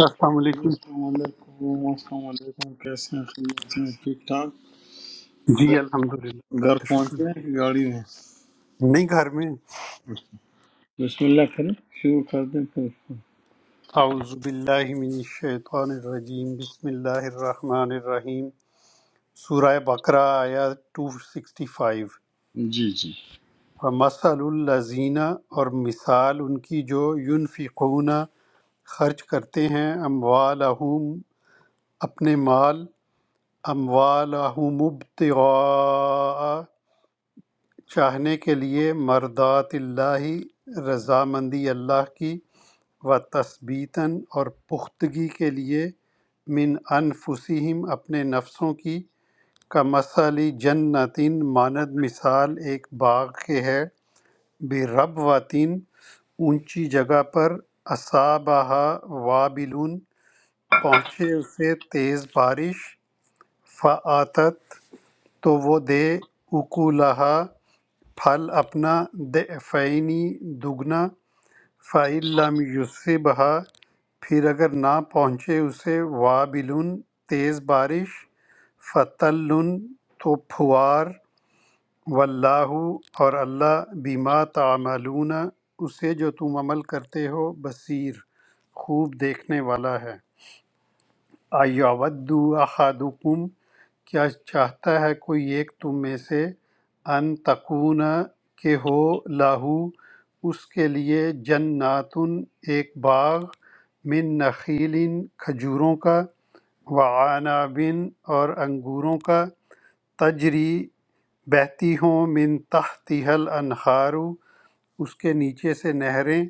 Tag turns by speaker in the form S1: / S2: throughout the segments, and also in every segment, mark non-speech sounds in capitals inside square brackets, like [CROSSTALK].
S1: السلام
S2: جی،
S1: علیکم
S2: السلام علیکم السلام علیکم کیسے ہیں خیریت سے ہیں؟ ٹھیک ٹھاک
S1: جی الحمدللہ
S2: گھر پہنچے ہیں کہ گاڑی میں
S1: نہیں گھر میں
S2: بسم اللہ کریں شروع کر دیں پھر اس کو
S1: اعوذ باللہ من الشیطان الرجیم بسم اللہ الرحمن الرحیم سورہ بقرہ آیا 265
S2: جی جی
S1: ومثل الذین اور مثال ان کی جو ينفقون خرچ کرتے ہیں اموالہم اپنے مال اموالہم ابتغاء چاہنے کے لیے مردات اللہ رضامندی اللہ کی و تثبیتاً اور پختگی کے لیے من انفسہم اپنے نفسوں کی کا مسئلہ جنتین ماند مثال ایک باغ کے ہے بے رب واتین اونچی جگہ پر اصابہ وابلون پہنچے اسے تیز بارش فعاتت تو وہ دے اکولہا پھل اپنا دعفینی دگنا فعل لم یصبھا پھر اگر نہ پہنچے اسے وابل تیز بارش فتل تو پھوار واللہ اور اللہ بیما تعملون اسے جو تم عمل کرتے ہو بصیر خوب دیکھنے والا ہے اَیَوَدُّ أَحَدُكُمْ کیا چاہتا ہے کوئی ایک تم میں سے ان تکون کہ ہو لاہو اس کے لیے جنات ایک باغ من نخیل کھجوروں کا وعنابن اور انگوروں کا تجری بہتی ہوں من تحتها الانہار اس کے نیچے سے نہریں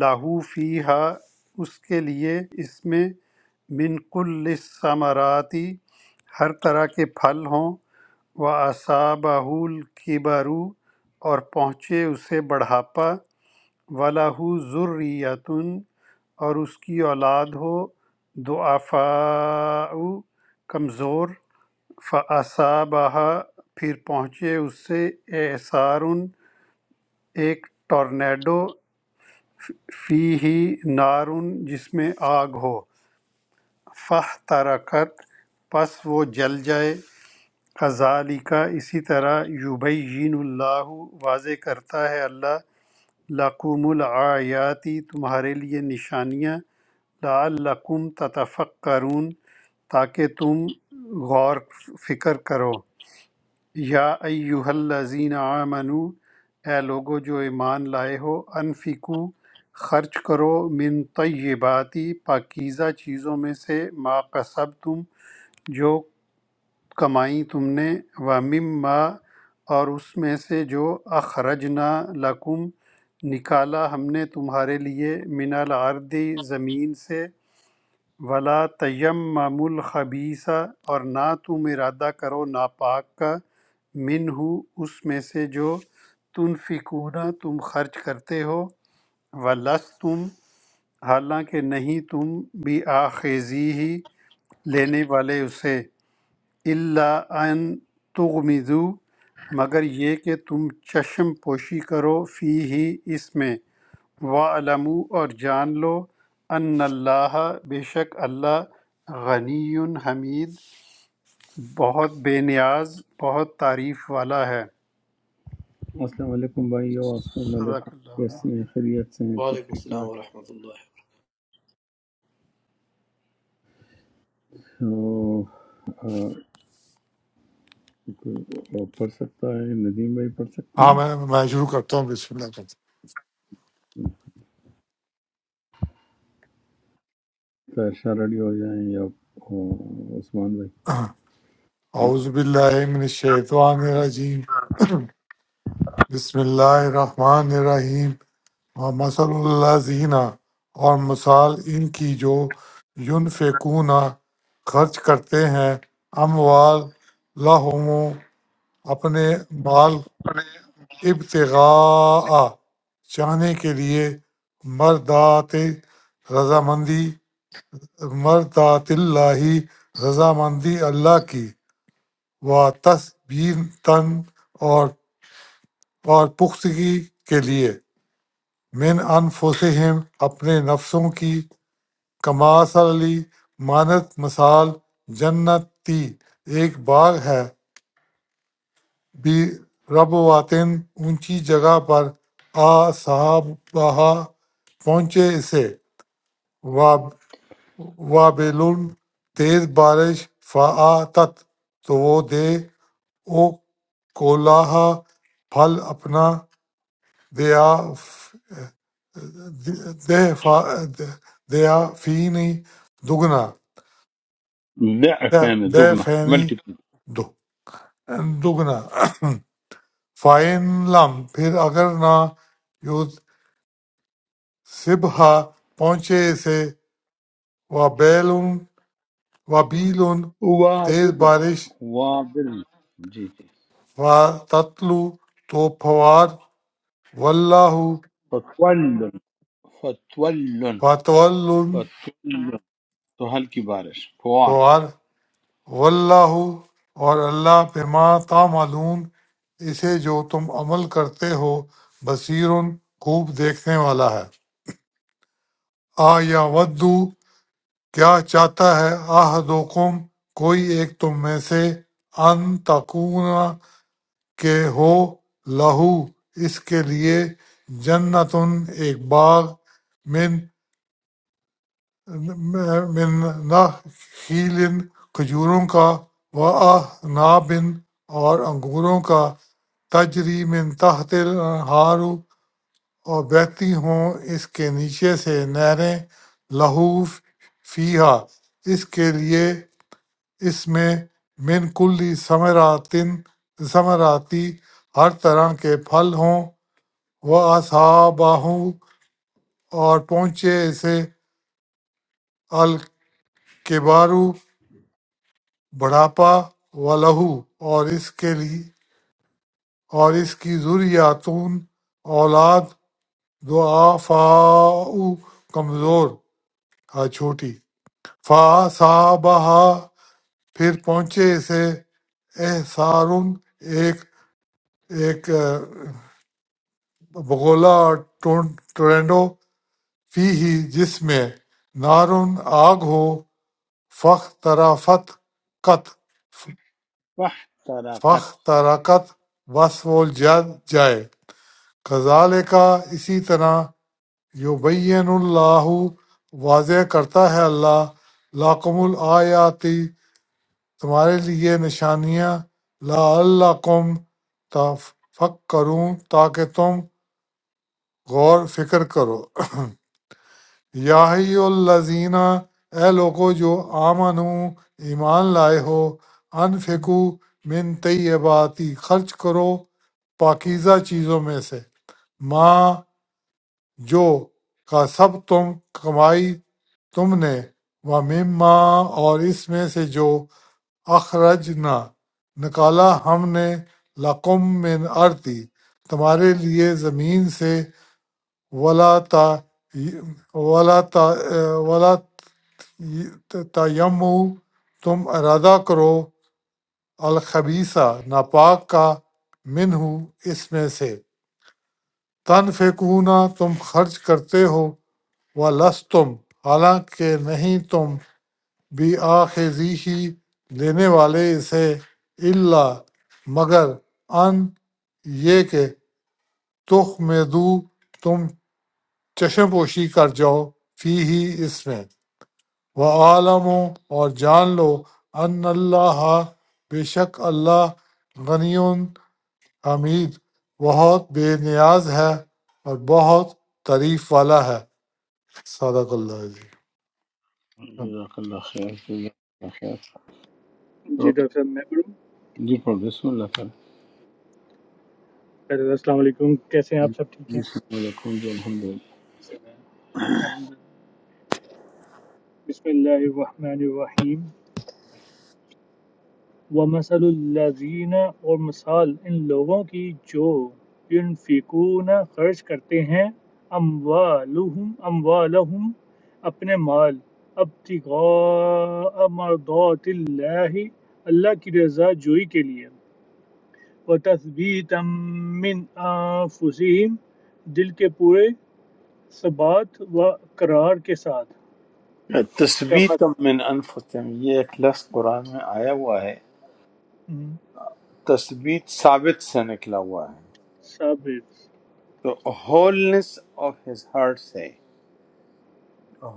S1: لاہو فیہا اس کے لیے اس میں من کل الثمراتی ہر طرح کے پھل ہوں و اصابہول کبرو اور پہنچے اسے بڑھاپا ولاحو ذریتن اور اس کی اولاد ہو دعفاء کمزور فاصابہ پھر پہنچے اسے اعصار ایک ٹورنیڈو فی ہی نارن جس میں آگ ہو فہ ترکت پس وہ جل جائے کا اسی طرح یبین اللہ واضح کرتا ہے اللہ لقوم العیاتی تمہارے لیے نشانیاں لعلکم تتفکرون تاکہ تم غور فکر کرو یا ایہا الذین آمنو اے لوگو جو ایمان لائے ہو انفقو خرچ کرو من طیباتی پاکیزہ چیزوں میں سے ما قصب تم جو کمائی تم نے و مما اور اس میں سے جو اخرجنا لکم نکالا ہم نے تمہارے لیے من الارض زمین سے ولا تیمم الخبیث اور نہ تم ارادہ کرو ناپاک کا من ہو اس میں سے جو تنفکون تم خرچ کرتے ہو ولس تم حالانکہ نہیں تم بھی آخیزی ہی لینے والے اسے اللہ ان تغمزو مگر یہ کہ تم چشم پوشی کرو فی ہی اس میں وَاعْلَمُوا اور جان لو ان اللہ بے شک اللہ غنی حمید بہت بے نیاز بہت تعریف والا ہے
S2: السلام علیکم بھائی اور السلام علیکم
S1: صدق اللہ علیہ
S2: کیسے ہیں خیریت سے ہیں سب
S3: وعلیکم
S2: ٹھیک
S3: السلام
S2: ٹھاک
S3: ورحمۃ اللہ
S2: تو، ہاں، کوئی وہ پڑھ سکتا ہے ندیم بھائی پڑھ سکتے
S4: ہاں
S2: ہیں
S4: میں میں شروع کرتا ہوں بسم اللہ کرتا
S2: تیرشاہ ریڈی ہو جائیں یا وہ، عثمان بھائی
S4: ہوں اعوذ باللہ من الشیطان الرجیم بسم اللہ الرحمن الرحیم اور مثل اللہ زینہ اور مثال ان کی جو یونفقون خرچ کرتے ہیں اموال لہم اپنے مال ابتغاء چاہنے کے لیے مردات رضامندی مردات اللہ رضامندی اللہ کی و تثبیتاً اور اور پختگی کے لیے من انفسہم اپنے نفسوں کی کماثلی مانت مثال جنت تی ایک باغ ہے بی رب واتن اونچی جگہ پر آ صاحب پہنچے اسے وابلن تیز بارش فآتت تو وہ دے او کولاہا پھل اپنا They are f- they fa- they are fini dugna.
S2: ضعف
S4: They
S2: یعنی
S4: they
S2: دگنا
S4: fini
S2: multiple
S4: du dugna. Fine لم پھر اگر نہ یو سبھا پہنچے اسے و بیل و بیل تیز
S2: وابل
S4: بارش
S2: وابل جی جی
S4: و تتلو تو فوار واللہ
S2: فکل فتول
S4: فتول
S2: فتول تو ہلکی بارش فوار
S4: فوار [COUGHS] واللہ اور اللہ بما تعملون اسے جو تم عمل کرتے ہو بصیر خوب دیکھنے والا ہے آ یا ودو کیا چاہتا ہے آہدوکم کوئی ایک تم میں سے ان تکون کے ہو لہو اس کے لیے جنت ایک باغ من من نخیل کھجوروں کا و نابن اور انگوروں کا تجری من تحت الانہار اور بہتی ہوں اس کے نیچے سے نہریں لہو فیہا اس کے لیے اس میں من کلی ثمراتن ثمراتی ہر طرح کے پھل ہوں وہ اصحابہ اور پہنچے اسے الکبارو بڑھاپا و لہو اور اس کے لیے اور اس کی ذریاتون اولاد ضعفاء کمزور ہاں چھوٹی فاصابہا پھر پہنچے اسے احسار ایک ایک آ، بگولا اور ٹون- ٹورینڈو فی ہی جس میں نارن آگ ہو فخ ترافت قط فخ
S2: فاحترقت
S4: تراکت بس وہ جل جائے کذالک اسی طرح یبین اللہ واضح کرتا ہے اللہ لاکم الآیاتی تمہارے لیے نشانیاں لعلکم تفکرون تاکہ تم غور فکر کرو [CLEARS THROAT] یا ہی الذین اے لوگو جو آمنو ایمان لائے ہو انفقو من طیباتی خرچ کرو پاکیزہ چیزوں میں سے ماں جو کا سب تم کمائی تم نے وَمِمَّا اور اس میں سے جو اخرجنا نکالا ہم نے لَكُم من ارتی تمہارے لیے زمین سے ولا تا ولا تا ولا تیمو تم ارادہ کرو الخبیثہ ناپاک کا منہ اس میں سے تنفقون تم خرچ کرتے ہو وَلَسْتُمْ حالانکہ نہیں تم بھی آخذیہی لینے والے اسے اللہ مگر ان یہ کہ تخ میں دو تم چشم پوشی کر جاؤ فی ہی اس میں وہ عالم اور جان لو ان اللہ بے شک اللہ غنی حمید بہت بے نیاز ہے اور بہت تعریف والا ہے صدق اللہ عظیم
S2: جزاک اللہ خیر جزاک اللہ خیر تو
S5: جی ڈاکٹر صاحب میں پڑھوں
S2: جی پر بسم اللہ کر
S5: پہلے السلام علیکم کیسے ہیں آپ سب ٹھیک ہیں
S2: بسم اللہ علیکم جی الحمد للہ
S5: الحمد للہ۔ بسم اللہ الرحمن الرحیم ومثل الذین اور مثال ان لوگوں کی جو ینفقون خرچ کرتے ہیں اموالہم اموالہم اپنے مال ابتغاء مرضات اللہ اللہ کی رضا جوئی کے لیے وتثبیتا من انفسہم دل کے پورے ثبات و اقرار کے ساتھ کما
S2: تثبیت من انفسهم یہ ایک لفظ قرآن میں آیا ہوا ہے
S5: ہوں،
S2: تثبیت ثابت سے نکلا ہوا ہے
S5: ثابت
S2: تو ہولنس آف ہز ہارٹ سے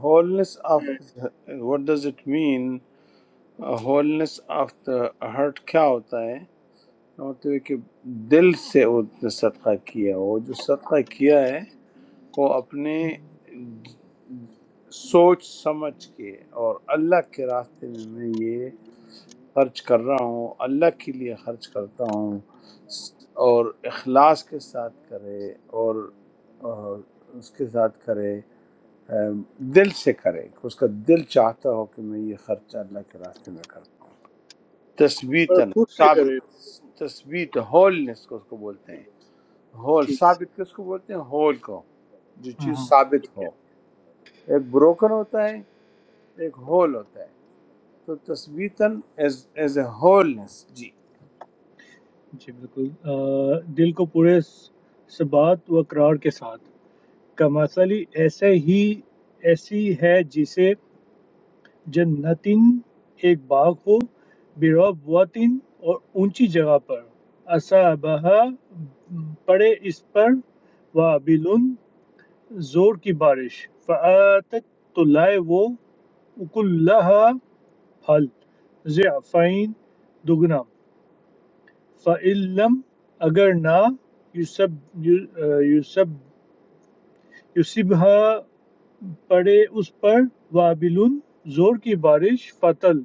S2: ہولنس آف
S5: ہے
S2: what does it mean wholeness of the heart کیا ہوتا ہے کا مطلب ہے کہ دل سے وہ نے صدقہ کیا وہ جو صدقہ کیا ہے وہ اپنے
S5: ہوں،
S2: سوچ سمجھ کے اور اللہ کے راستے میں میں یہ خرچ کر رہا ہوں اللہ کے لیے خرچ کرتا ہوں اور اخلاص کے ساتھ کرے اور اور اس کے ساتھ کرے ام، دل سے کرے کہ اس کا دل چاہتا ہو کہ میں یہ خرچ اللہ کے راستے میں کرتا ہوں
S5: اور
S2: تثبیتاً
S5: خود سے
S2: ثابت
S5: کرے
S2: تثبیت ہولنس کو اس کو بولتے ہیں ہول
S5: ٹھیک سے
S2: ثابت کس کو بولتے ہیں ہول کو جو
S5: ہاں ہاں
S2: چیز ثابت
S5: ٹھیک ہے
S2: ہو ایک بروکن ہوتا ہے ایک ہول ہوتا ہے تو تثبیتاً ایز اے ہولنس جی
S5: جی بالکل آ، دل کو پورے س- ثبات و اقرار کے ساتھ کمثلی ایسے ہی ایسی ہے جسے جنتن ایک باغ ہو بروب وطن اور اونچی جگہ پر اصابہ پڑے اس پر وابلن زور کی بارش فآتت تو لائے وہ اکلہا پھل ضعفین دگنا فعلم اگر نہ یوسب یوسب یوسبہ پڑے اس پر وابل زور کی بارش فتل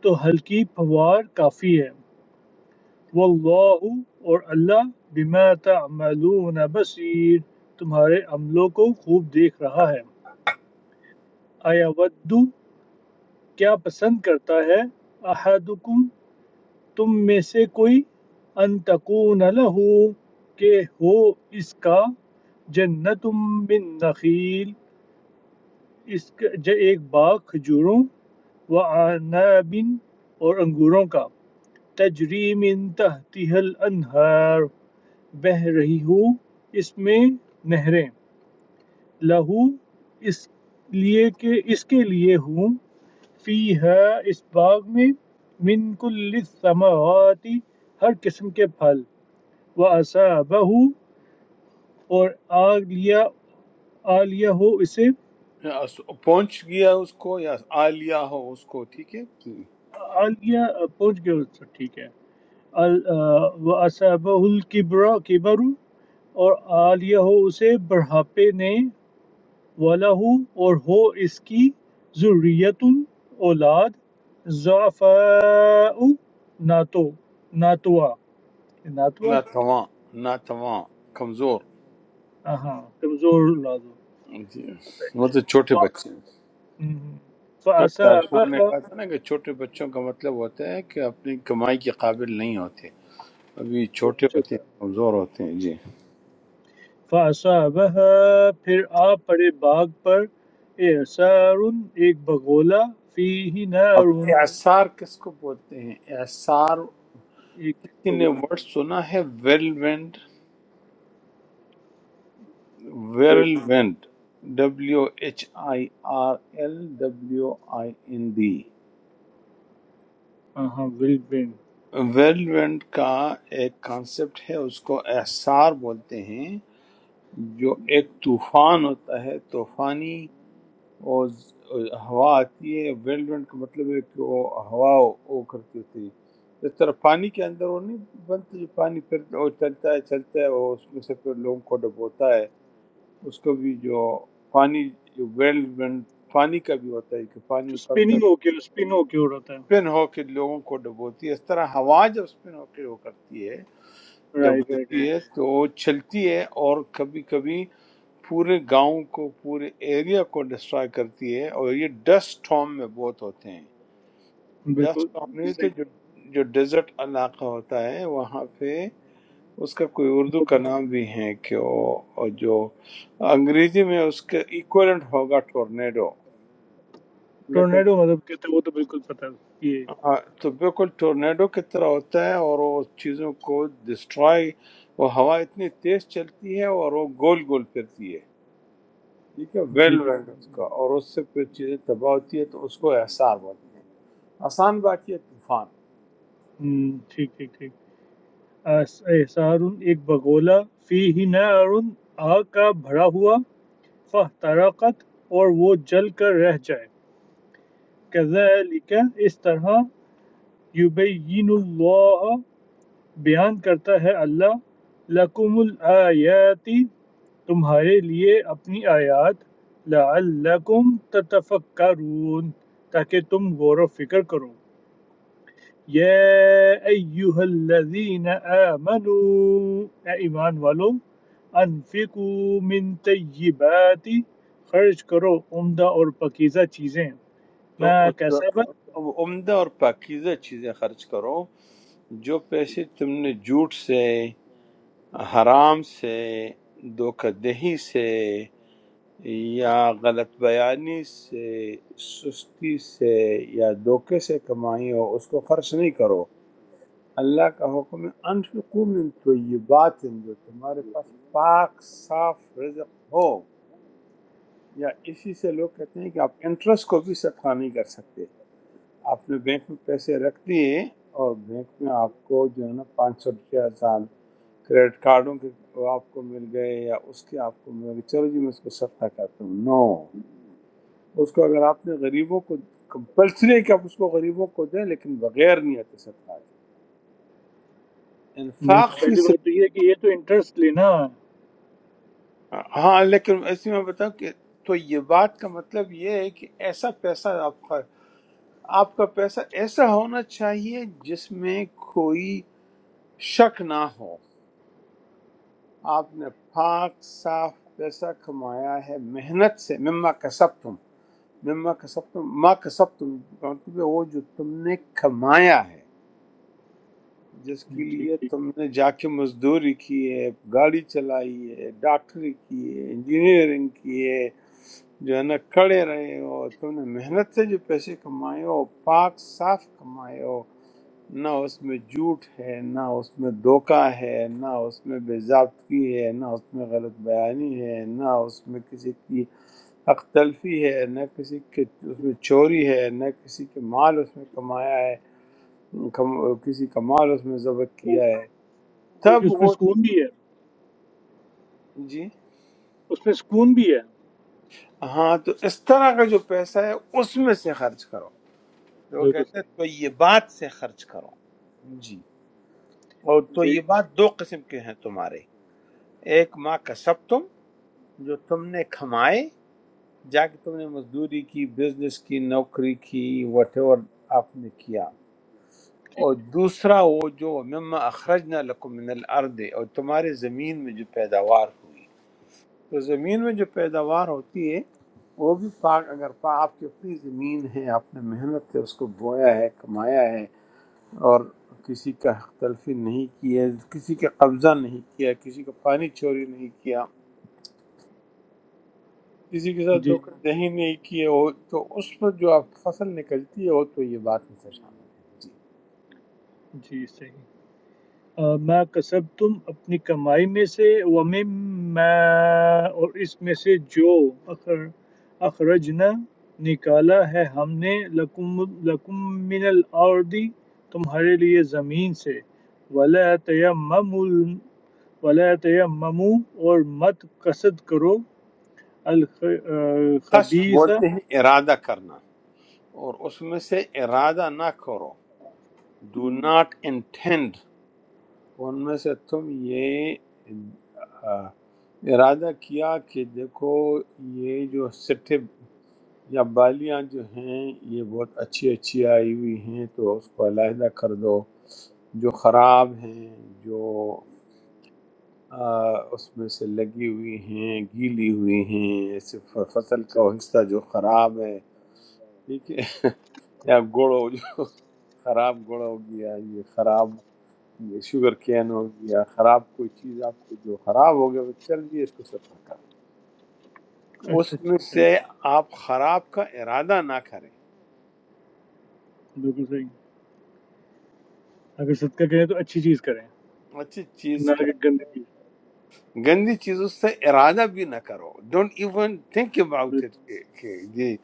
S5: تو ہلکی پھوار کافی ہے واللہ اور اللہ بما تعملون بصیر تمہارے عملوں کو خوب دیکھ رہا ہے آیا ودو کیا پسند کرتا ہے احدکم تم میں سے کوئی ان تکون لہو کہ ہو اس کا جنت من نخیل اس کا جو ایک باغ کھجوروں و عناب اور انگوروں کا تجری من تحتها الانہار بہ رہی ہو اس میں نہریں لہو اس لیے کہ اس کے لیے ہوں فی ہے اس باغ میں من کل الثمرات ہر قسم کے پھل وہ اور آ لیا آ لیا ہو اسے
S2: اس- پہنچ گیا اس کو یا آ لیا ہو اس کو ٹھیک ہے
S5: آ لیا پہنچ گیا اس تک، ٹھیک ہے وہ اصابہ الکبرا کبر اور آ لیا ہو اسے بڑھاپے نے وَلَهُ اور ہو اس کی ذُرِّيَّةٌ اولاد ضعفاء ناتو ناتوا ناتوا
S2: ناتواں ناتواں کمزور
S5: ہاں کمزور اولاد ہو
S2: جی
S5: ف-
S2: مطلب چھوٹے بچے ہیں۔
S5: ہم۔
S2: کل دارشان نے
S5: فَأَصَابَهَا
S2: کہا تھا نا کہ چھوٹے بچوں کا مطلب ہوتا ہے کہ اپنی کمائی کے قابل نہیں ہوتے ابھی
S5: وہ
S2: چھوٹے
S5: اچھا
S2: ہوتے ہیں
S5: تھا۔
S2: کمزور ہوتے ہیں جی
S5: فَأَصَابَهَا پھر آ پڑے باغ پر اعصار ایک بگولا فیہ
S2: اب
S5: نار
S2: اعصار کس کو بولتے ہیں اعصار
S5: ایک
S2: کسی نے
S5: بگولا
S2: ورڈ سنا ہے whirlwind whirlwind W H I R L W I N D
S5: ہاں ہاں ول بین
S2: ویل وینڈ کا ایک کانسیپٹ ہے اس کو احسار بولتے ہیں جو ایک طوفان ہوتا ہے طوفانی اور ز- ہوا آتی ہے ویل وینڈ کا مطلب ہے کہ وہ ہوا وہ کرتی ہوتی ہے اس طرح پانی کے اندر وہ نہیں بنتا جو پانی پھر وہ چلتا ہے چلتا ہے وہ اس میں سے پھر لوگوں کو ڈبوتا ہے اس کو بھی جو پانی جو ویل وینڈ پانی کا بھی ہوتا ہے کہ پانی
S5: جو
S2: اکڑ کر
S5: سپننگ ہو کے سپن ہو کے ہو رہا تھا
S2: اسپن ہو کے لوگوں کو ڈبوتی ہے اس طرح ہوا جب اسپن ہو کے وہ کرتی ہے
S5: رائٹ رائٹ
S2: ڈبوتی ہے تو وہ چلتی ہے اور کبھی کبھی پورے گاؤں کو پورے ایریا کو ڈسٹرائے کرتی ہے اور یہ ڈسٹ ٹام میں بہت ہوتے ہیں
S5: بالکل
S2: ڈسٹ ٹام نہیں تو جو
S5: exactly.
S2: جو ڈیزرٹ علاقہ ہوتا ہے وہاں پہ اس کا کوئی اردو
S5: وہ
S2: کا
S5: تو ہے۔
S2: نام بھی ہے کہ وہ اور جو انگریزی میں اس کا ایکویلنٹ ہوگا ٹورنیڈو لیکن
S5: ٹورنیڈو مطلب کہتے ہیں وہ تو بالکل پتہ ہے یہ
S2: ہاں تو بالکل ٹورنیڈو کی طرح ہوتا ہے اور وہ چیزوں کو ڈسٹرائے وہ ہوا اتنی تیز چلتی ہے اور وہ گول گول پھرتی ہے ٹھیک ہے
S5: جی
S2: ویل وینڈ
S5: بالکل
S2: اس کا اور اس سے پھر چیزیں تباہ ہوتی ہے تو اس کو احسار بولتے ہیں آسان بات یہ طوفان
S5: ہم، ٹھیک ٹھیک ٹھیک اس- احسار ایک بگولا فی ہی نار آگ کا بھرا ہوا فاحترقت اور وہ جل کر رہ جائے کذالک اس طرح یبین اللہ بیان کرتا ہے اللہ لَکُمُ الْآیَاتِ تمہارے لیے اپنی آیات لَعَلَّکُمْ تَتَفَکَّرُونَ تاکہ تم غور و فکر کرو یا ایہا الذین آمنوا اے ایمان والو انفقوا من طیباتی خرچ کرو عمدہ اور پکیزہ چیزیں
S2: تو
S5: میں
S2: اس-
S5: کیسا بات
S2: عمدہ اور پاکیزہ چیزیں خرچ کرو جو پیسے تم نے جھوٹ سے حرام سے دھوکہ دہی سے یا غلط بیانی سے سستی سے یا دھوکے سے کمائی ہو اس کو خرچ نہیں کرو اللہ کا حکم ہے انفقو من طیبات جو تمہارے پاس پاک صاف رزق ہو یا اسی سے لوگ کہتے ہیں کہ آپ انٹرسٹ کو بھی صدقہ نہیں کر سکتے آپ نے بینک میں پیسے رکھ دیے اور بینک میں آپ کو جو ہے نا پانچ سو روپیہ سال کریڈٹ کارڈوں کے وہ آپ کو مل گئے یا اس کے آپ کو مل گئے چلو جی میں اس کو صدقہ کرتا ہوں نو no. اس کو اگر آپ نے غریبوں کو کمپلسری کہ آپ اس کو غریبوں کو دیں لیکن بغیر نیت صدقہ کے
S5: نہیں تو
S2: انفاق
S5: پہلی
S2: فی
S5: بات تو یہ ہے کہ یہ تو انٹرسٹ لینا ہے
S2: ہاں لیکن ایسے میں بتاؤں کہ تو یہ بات کا مطلب یہ ہے کہ ایسا پیسہ آپ کا آپ کا پیسہ ایسا ہونا چاہیے جس میں کوئی شک نہ ہو آپ نے پاک صاف پیسہ کمایا ہے محنت سے مما کسب تم مما کسب تم ماں کسب تم مطلب وہ جو تم نے کمایا ہے جس
S5: نہیں،
S2: کے
S5: ٹھیک
S2: لیے تم نے جا کے مزدوری کی ہے گاڑی چلائی ہے ڈاکٹری کی ہے انجینئرنگ کی ہے جو ہے نا کھڑے رہے ہو تم نے محنت سے جو پیسے کمائے ہو پاک صاف کمائے ہو نہ اس میں جھوٹ ہے نہ اس میں دھوکہ ہے نہ اس میں بے ضابطگی ہے نہ اس میں غلط بیانی ہے نہ اس میں کسی کی حق تلفی ہے نہ کسی کے اس میں چوری ہے نہ کسی کے مال اس میں کمایا ہے کم, کسی کا مال اس میں ضبط
S5: ٹھیک
S2: کیا ہے
S5: بلکہ
S2: تب
S5: اس میں
S2: وہ
S5: سکون بھی ہے
S2: جی
S5: اس میں سکون بھی ہے
S2: ہاں تو اس طرح کا جو پیسہ ہے اس میں سے خرچ کرو تو وہ
S5: بالکل
S2: کہتے ہیں
S5: صحیح
S2: تو یہ بات سے خرچ کرو جی اور تو یہ
S5: جی
S2: بات دو قسم کے ہیں تمہارے ایک ماں کا سب تم جو تم نے کھمائے جا کے تم نے مزدوری کی بزنس کی نوکری کی وٹ ایور آپ نے کیا
S5: ٹھیک
S2: اور
S5: ہے
S2: دوسرا وہ جو مما اخرجنا لکم من الارض اور تمہارے زمین میں جو پیداوار ہوئی تو زمین میں جو پیداوار ہوتی ہے وہ بھی پاک اگر پا- آپ کی اپنی زمین ہے آپ نے محنت سے اس کو بویا ہے کمایا ہے اور کسی کا حق تلفی نہیں کیا کسی کا قبضہ نہیں کیا کسی کا پانی چوری نہیں کیا کسی کے ساتھ
S5: جی
S2: دھوکہ دہی نہیں کیے ہو تو اس پر جو آپ کی فصل نکلتی ہے وہ تو یہ بات میں سے شامل ہے جی
S5: جی صحیح آ، ما کسب تم اپنی کمائی میں سے ومما اور اس میں سے جو اخر اخرجنا نکالا ہے ہم نے لکم لکم من الارض تمہارے لیے زمین سے ولا تیمم ولا تیممو اور مت قصد کرو
S2: قصد
S5: الخبیث اچھا
S2: بولتے ہیں ارادہ کرنا اور اس میں سے ارادہ نہ کرو ڈو ناٹ انٹینڈ ان میں سے تم یہ آ، ارادہ کیا کہ دیکھو یہ جو سٹھے یا بالیاں جو ہیں یہ بہت اچھی اچھی آئی ہوئی ہیں تو اس کو علیحدہ کر دو جو خراب ہیں جو آ، اس میں سے لگی ہوئی ہیں گیلی ہوئی ہیں ایسے ف- فصل کا وہ حصہ جو خراب ہے ٹھیک ہے [LAUGHS] یا گڑ ہو جو خراب گڑ ہو گیا یہ خراب یہ شوگر کین ہو گیا خراب کوئی چیز آپ کی جو خراب ہو گیا وہ چل جی اس کو صدقہ کرو اس
S5: اچھا
S2: میں
S5: اچھا
S2: سے آپ خراب کا ارادہ نہ کریں
S5: بالکل صحیح اگر صدقہ کریں تو اچھی چیز کریں
S2: اچھی چیز
S5: نہ
S2: کا
S5: کہ گندی چیز
S2: گندی چیزوں سے ارادہ بھی نہ کرو don't even think about it
S5: بالکل
S2: کہ جی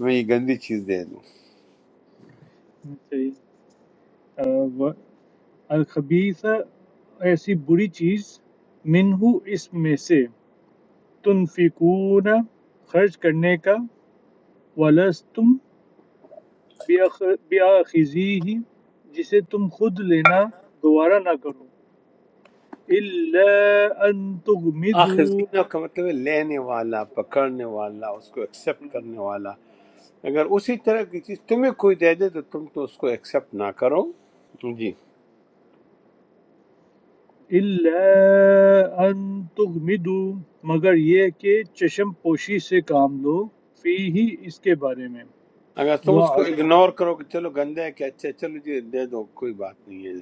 S2: میں یہ گندی چیز دے دوں
S5: صحیح آ، و- الخبیثہ ایسی بری چیز منہو اس میں سے تنفقون خرچ کرنے کا ولستم بیاخذی ہی جسے تم خود لینا گوارا نہ کرو الا ان تغمدو
S2: آخذینہ کا مطلب ہے لینے والا پکڑنے والا اس کو ایکسیپٹ کرنے والا اگر اسی طرح کی چیز تمہیں کوئی دے دے تو تم تو اس کو ایکسیپٹ نہ کرو جی
S5: اِلَّا أَن تُغْمِضُوا مگر یہ کہ چشم پوشی سے کام لو فیہ اس کے بارے میں
S2: اگر تم اس کو
S5: وَعَدَمْ
S2: اگنور کرو کہ چلو گندے ہے کہ اچھا ہے، چلو جی دے دو کوئی بات نہیں ہے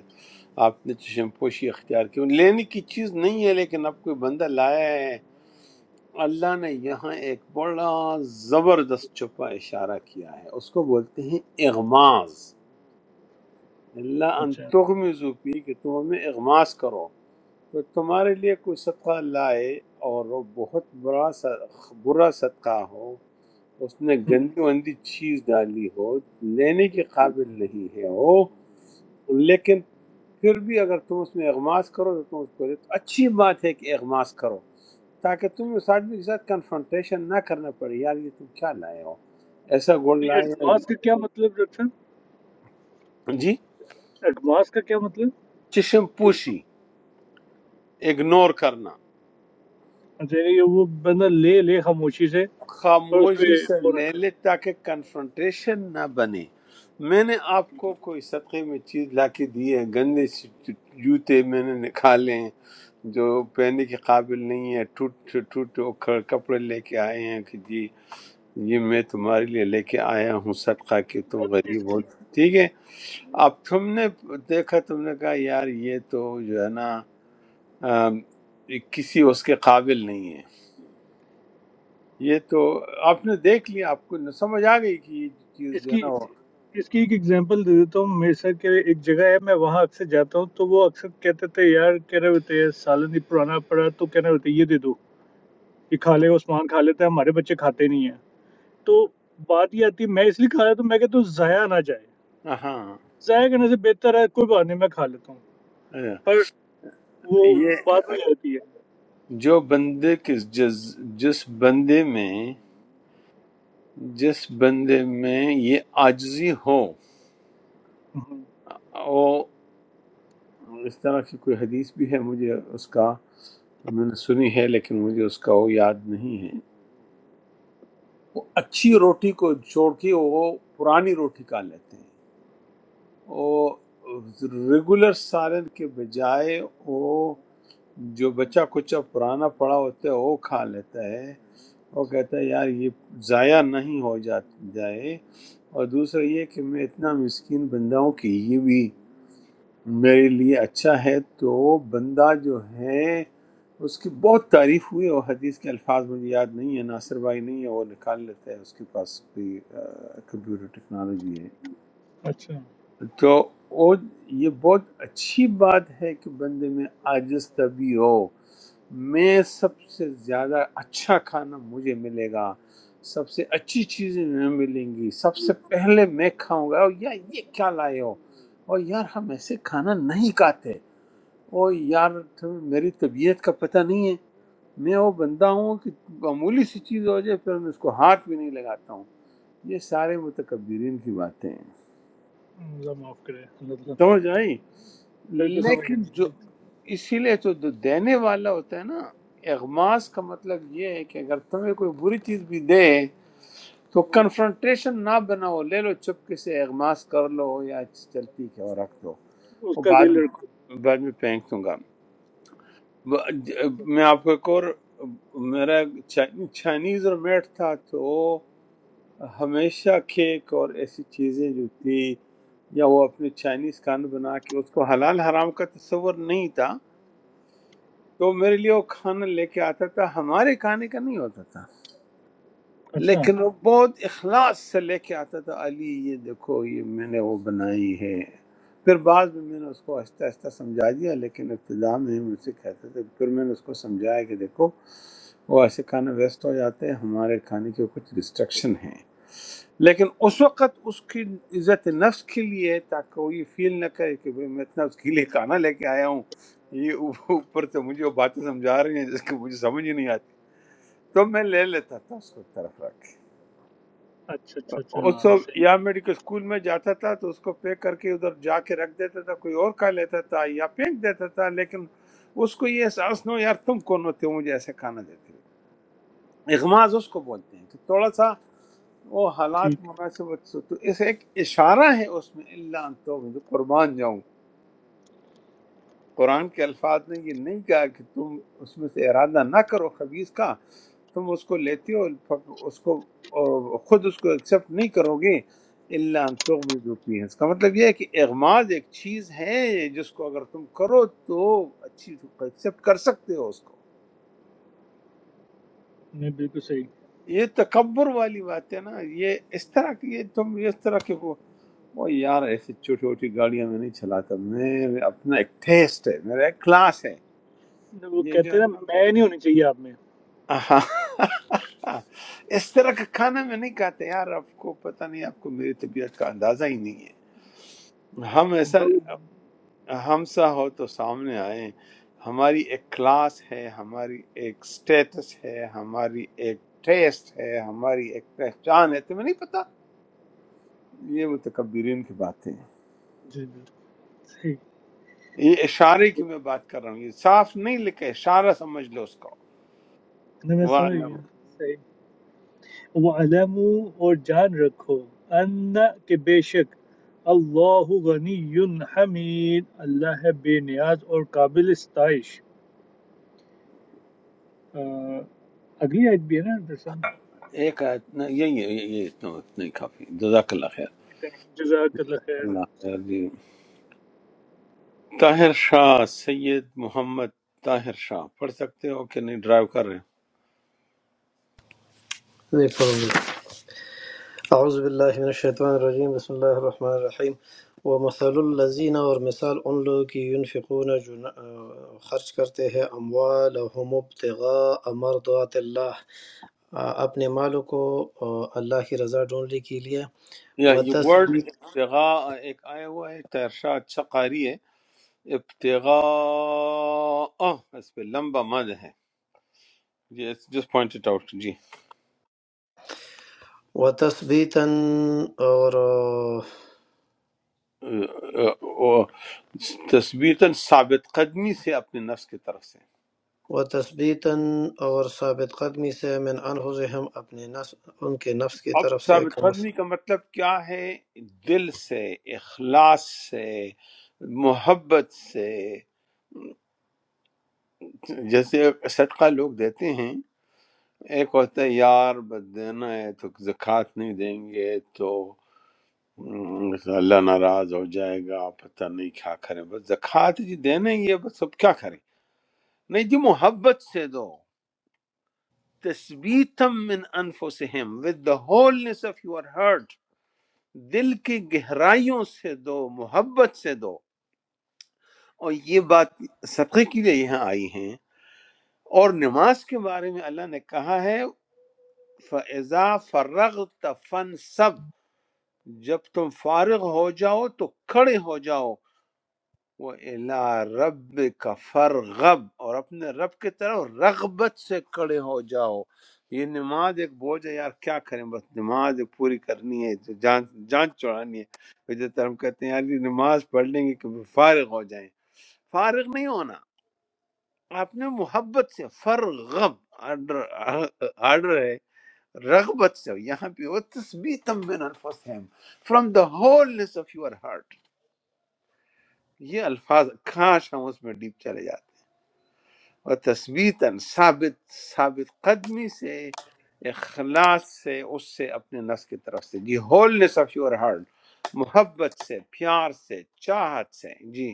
S2: آپ نے چشم پوشی اختیار کی لینے کی چیز نہیں ہے لیکن اب کوئی بندہ لایا ہے اللہ نے یہاں ایک بڑا زبردست چھپا اشارہ کیا ہے اس کو بولتے ہیں اغماز اللہ ان
S5: اچھا
S2: تغمزو پی کہ تم ہمیں اغماز کرو تو تمہارے لیے کوئی صدقہ لائے اور وہ بہت برا سا- برا صدقہ ہو اس نے
S5: ہم۔
S2: گندی وندی چیز ڈالی ہو لینے کے قابل نہیں ہے وہ لیکن پھر بھی اگر تم اس میں اغماس کرو تو تم اس کو لے تو اچھی بات ہے کہ اغماس کرو تاکہ تم اس آدمی کے ساتھ کنفرنٹیشن نہ کرنا پڑے یار یہ تم کیا لائے ہو ایسا گول
S5: یہ
S2: لائے
S5: ایڈوانس
S2: ہو
S5: کا کیا مطلب ڈاکٹر صاحب؟
S2: جی
S5: ایڈوانس کا کیا مطلب
S2: چشم پوشی اگنور کرنا
S5: اچھا یعنی یہ وہ بندہ لے لے خاموشی سے اور اس پہ
S2: خاموشی سے
S5: وہ نہ
S2: لے
S5: کرے
S2: لے تاکہ کنفرنٹیشن نہ بنے میں نے آپ
S5: ٹھیک
S2: کو کوئی صدقے میں چیز لا کے دی ہے گندے سی جوتے میں نے نکالے ہیں جو پہننے کے قابل نہیں ہے ٹوٹ ٹوٹ ٹوٹ کر- کپڑے لے کے آئے ہیں کہ جی یہ میں تمہارے لیے لے کے آیا ہوں صدقہ کہ تم
S5: ہے۔ اب اس
S2: غریب ہو
S5: کی
S2: ٹھیک ہے اب تم نے دیکھا تم نے کہا یار یہ تو جو ہے نا آم، یہ کسی اس کے قابل نہیں یہ تو آپ نے دیکھ لیا آپ کو سمجھ آ گئی کہ یہ چیز
S5: اس
S2: جو ہے
S5: کی
S2: نا وہ-
S5: اس کی ایک ایگزامپل دے دیتا ہوں میرے ساتھ کہ ایک جگہ ہے میں وہاں اکثر جاتا ہوں تو وہ اکثر کہتے تھے یار کہہ رہے ہوتے ہیں سالن ہی پرانا پڑا تو کہہ رہے ہوتے ہیں یہ دے دو کہ کھا لے عثمان کھا لیتا ہے ہمارے بچے کھاتے نہیں ہیں تو بات یہ آتی ہے میں اس لیے کھا رہا تو میں کہتا ہوں ضائع نہ جائے
S2: ہاں
S5: ضائع کرنے سے بہتر ہے کوئی بات نہیں میں کھا لیتا ہوں پر وہ
S2: یہ
S5: بات وہی آتی ہے
S2: جو بندے کے جس جس بندے میں جس بندے میں یہ عاجزی ہو
S5: ہوں،
S2: او اس طرح کی کوئی حدیث بھی ہے مجھے اس کا میں نے سنی ہے لیکن مجھے اس کا وہ یاد نہیں ہے وہ اچھی روٹی کو چھوڑ کے وہ پرانی روٹی کھا لیتے ہیں وہ ریگولر سالن کے بجائے وہ جو بچہ کچھ اب پرانا پڑا ہوتا ہے وہ کھا لیتا ہے وہ کہتا ہے یار یہ ضائع نہیں ہو جات- جائے اور دوسرا یہ کہ میں اتنا مسکین بندہ ہوں کہ یہ بھی میرے لیے اچھا ہے تو بندہ جو ہے اس کی بہت تعریف ہوئی اور حدیث کے الفاظ مجھے یاد نہیں ہے ناصر بھائی نہیں ہے وہ نکال لیتا ہے اس کے پاس کوئی کمپیوٹر ٹیکنالوجی ہے۔
S5: اچھا
S2: تو او یہ بہت اچھی بات ہے کہ بندے میں عاجز طبی ہو میں سب سے زیادہ اچھا کھانا مجھے ملے گا سب سے اچھی چیزیں میں ملیں گی سب سے پہلے میں کھاؤں گا او یار یہ کیا لائے ہو اور یار ہم ایسے کھانا نہیں کھاتے او یار تمہیں میری طبیعت کا پتہ نہیں ہے میں وہ بندہ ہوں کہ معمولی سی چیز ہو جائے پھر میں اس کو ہاتھ بھی نہیں لگاتا ہوں یہ سارے متکبرین کی باتیں ہیں
S5: اللہ معاف کرے اللہ تعالیٰ
S2: سمجھ آئی
S5: بالکل سمجھ
S2: لیکن
S5: گیا
S2: جو
S5: بالکل۔
S2: اسی لیے تو جو دینے والا ہوتا ہے نا اغماس کا مطلب یہ ہے کہ اگر تمہیں کوئی بری چیز بھی دے تو کنفرنٹریشن نہ بناؤ لے لو چپکے سے اغماس کر لو یا چلتی ہے اور رکھ دو
S5: اس
S2: وہ
S5: کا
S2: بعد
S5: دل رکھو
S2: میں بعد میں پھینک دوں گا ب- ج- میں آپ کو ایک اور میرا چا- چائنیز اور میٹ تھا تو ہمیشہ کیک اور ایسی چیزیں جو تھی یا وہ اپنے چائنیز کھانا بنا کے اس کو حلال حرام کا تصور نہیں تھا تو میرے لیے وہ کھانا لے کے آتا تھا ہمارے کھانے کا نہیں ہوتا تھا
S5: اچھا
S2: لیکن وہ بہت اخلاص سے لے کے آتا تھا علی یہ دیکھو یہ میں نے وہ بنائی ہے پھر بعد میں میں نے اس کو آہستہ آہستہ سمجھا دیا لیکن ابتدا میں مجھ سے کہتا تھا پھر میں نے اس کو سمجھایا کہ دیکھو وہ ایسے کھانا ویسٹ ہو جاتے ہیں ہمارے کھانے کے کچھ ریسٹرکشن ہیں لیکن اس وقت اس کی عزت نفس کے لیے تاکہ وہ یہ فیل نہ کرے کہ بھئی میں اتنا اس کے لیے کھانا لے کے آیا ہوں یہ اوپر سے مجھے وہ باتیں سمجھا رہی ہیں جس کی مجھے سمجھ ہی نہیں آتی تو میں لے لیتا تھا اس کو ایک طرف رکھ کے
S5: اچھا اچھا اچھا
S2: اس
S5: ہاں،
S2: کو
S5: صحیح
S2: یا میڈیکل اسکول میں جاتا تھا تو اس کو پیک کر کے ادھر جا کے رکھ دیتا تھا کوئی اور کھا لیتا تھا یا پھینک دیتا تھا لیکن اس کو یہ احساس نہ ہو یار تم کون ہوتے ہو مجھے ایسے کھانا دیتے ہو اغماز اس کو بولتے ہیں کہ تھوڑا سا وہ حالات
S5: ٹھیک
S2: مناسبت سے تو اس ایک اشارہ ہے اس میں اللہ ان تو جو قربان جاؤں قرآن کے الفاظ نے یہ نہیں کہا کہ تم اس میں سے ارادہ نہ کرو خبیز کا تم اس کو لیتے ہو پھر اس کو اور خود اس کو ایکسیپٹ نہیں کرو گے اللہ تغمزو فیہ اس کا مطلب یہ ہے کہ اغماز ایک چیز ہے جس کو اگر تم کرو تو اچھی ایکسیپٹ کر سکتے ہو اس کو
S5: نہیں بالکل صحیح
S2: یہ تکبر والی بات ہے نا یہ اس طرح کی یہ تم اس طرح کے وہ وہ یار ایسی چھوٹی چھوٹی گاڑیاں میں نہیں چلاتا میں اپنا ایک ٹیسٹ ہے میرا ایک کلاس ہے
S5: نہیں، وہ
S2: یہ جو
S5: کہتے
S2: ہے
S5: ہیں نا
S2: نا
S5: میں نہیں ہونی چاہیے آپ میں
S2: آہا۔ اس طرح کا کھانا میں نہیں کھاتے یار آپ کو پتہ نہیں آپ کو میری طبیعت کا اندازہ ہی نہیں ہے ہم ایسا
S5: بہت-
S2: ہم سا ہو تو سامنے آئیں ہماری ایک کلاس ہے ہماری ایک سٹیٹس ہے ہماری ایک ٹیسٹ ہے ہماری ایک پہچان ہے تمہیں نہیں پتہ یہ متکبرین کی باتیں ہیں۔
S5: جی جی صحیح
S2: یہ اشارے
S5: صحیح۔
S2: کی میں بات کر رہا ہوں یہ صاف نہیں لکھا ہے، اشارہ سمجھ لو اس کو
S5: نہیں میں سمجھ
S2: وَعْلَمْ۔
S5: گیا صحیح وَاعْلَمُوا اور جان رکھو ان کہ بے شک اللہ غنی حمید اللہ ہے بے نیاز اور قابل ستائش آ، اگلی آیت بھی ہے نا درسم
S2: ایک آیت- نہ، یہی ہے، یہی ہے، اتنا اتنا ہی کافی جزاک اللہ خیر
S5: جزاک اللہ خیر۔
S2: اللہ خیر جی، طاہر شاہ سید محمد طاہر شاہ پڑھ سکتے ہو کہ نہیں ڈرائیو کر رہے
S3: ایک اور بھی۔ اعوذ باللہ من الشیطان الرجیم بسم اللہ الرحمن الرحیم ومثل الذین اور مثال ان لوگوں کی ینفقون جو ن- آ، خرچ کرتے ہیں اموالہم ابتغاء مرضات اللہ آ، اپنے مالوں کو آ، اللہ کی رضا ڈھونڈنے کے لیے
S2: ہیں یا یہ ورڈ
S3: وتثبیت
S2: ابتغاء ایک آیا ہوا ہے طاہر شاہ اچھا قاری ہے ابتغاء اس پہ لمبا مد ہے جی جسٹ پوائنٹ اٹ آؤٹ جی
S3: وتثبیتاً اور آ،
S2: تصویتاً ثابت قدمی سے اپنے نفس کی طرف سے
S3: وتثبیتاً اور ثابت قدمی سے من انفسہم اپنے نفس ان کے نفس کی
S2: اب
S3: طرف
S2: ثابت
S3: سے
S2: قدمی کا مطلب کیا ہے دل سے اخلاص سے محبت سے جیسے صدقہ لوگ دیتے ہیں ایک ہوتا ہے یار بس دینا ہے تو زکوٰۃ نہیں دیں گے تو ہم، اللہ ناراض ہو جائے گا پتہ نہیں کیا کریں بس زکوٰۃ جی دینا ہی ہے بس اب کیا کریں نہیں جی محبت سے دو تثبیتم من انفسہم with the wholeness of your heart دل کی گہرائیوں سے دو محبت سے دو اور یہ بات صدقے کے لیے یہاں آئی ہیں اور نماز کے بارے میں اللہ نے کہا ہے فَإِذَا فَرَغْتَ فَانْصَبْ جب تم فارغ ہو جاؤ تو کھڑے ہو جاؤ وہ اللہ رب کا فرغب اور اپنے رب کی طرف رغبت سے کھڑے ہو جاؤ یہ نماز ایک بوجھ ہے یار کیا کریں بس نماز ایک پوری کرنی ہے جو جان جان چڑھانی ہے جس طرح ہم کہتے ہیں یار یہ نماز پڑھ لیں گے کہ فارغ ہو جائیں فارغ نہیں ہونا آپ نے محبت سے فرغب آرڈر آرڈر ہے رغبت سے یہاں پہ وہ تثبیتم من انفسہم from the wholeness of your heart یہ الفاظ کاش ہم اس میں ڈیپ چلے جاتے ہیں، اور تثبیتاً ثابت ثابت قدمی سے اخلاص سے اس سے اپنے نفس کی طرف سے جی ہولنس آف یور ہارٹ محبت سے پیار سے چاہت سے جی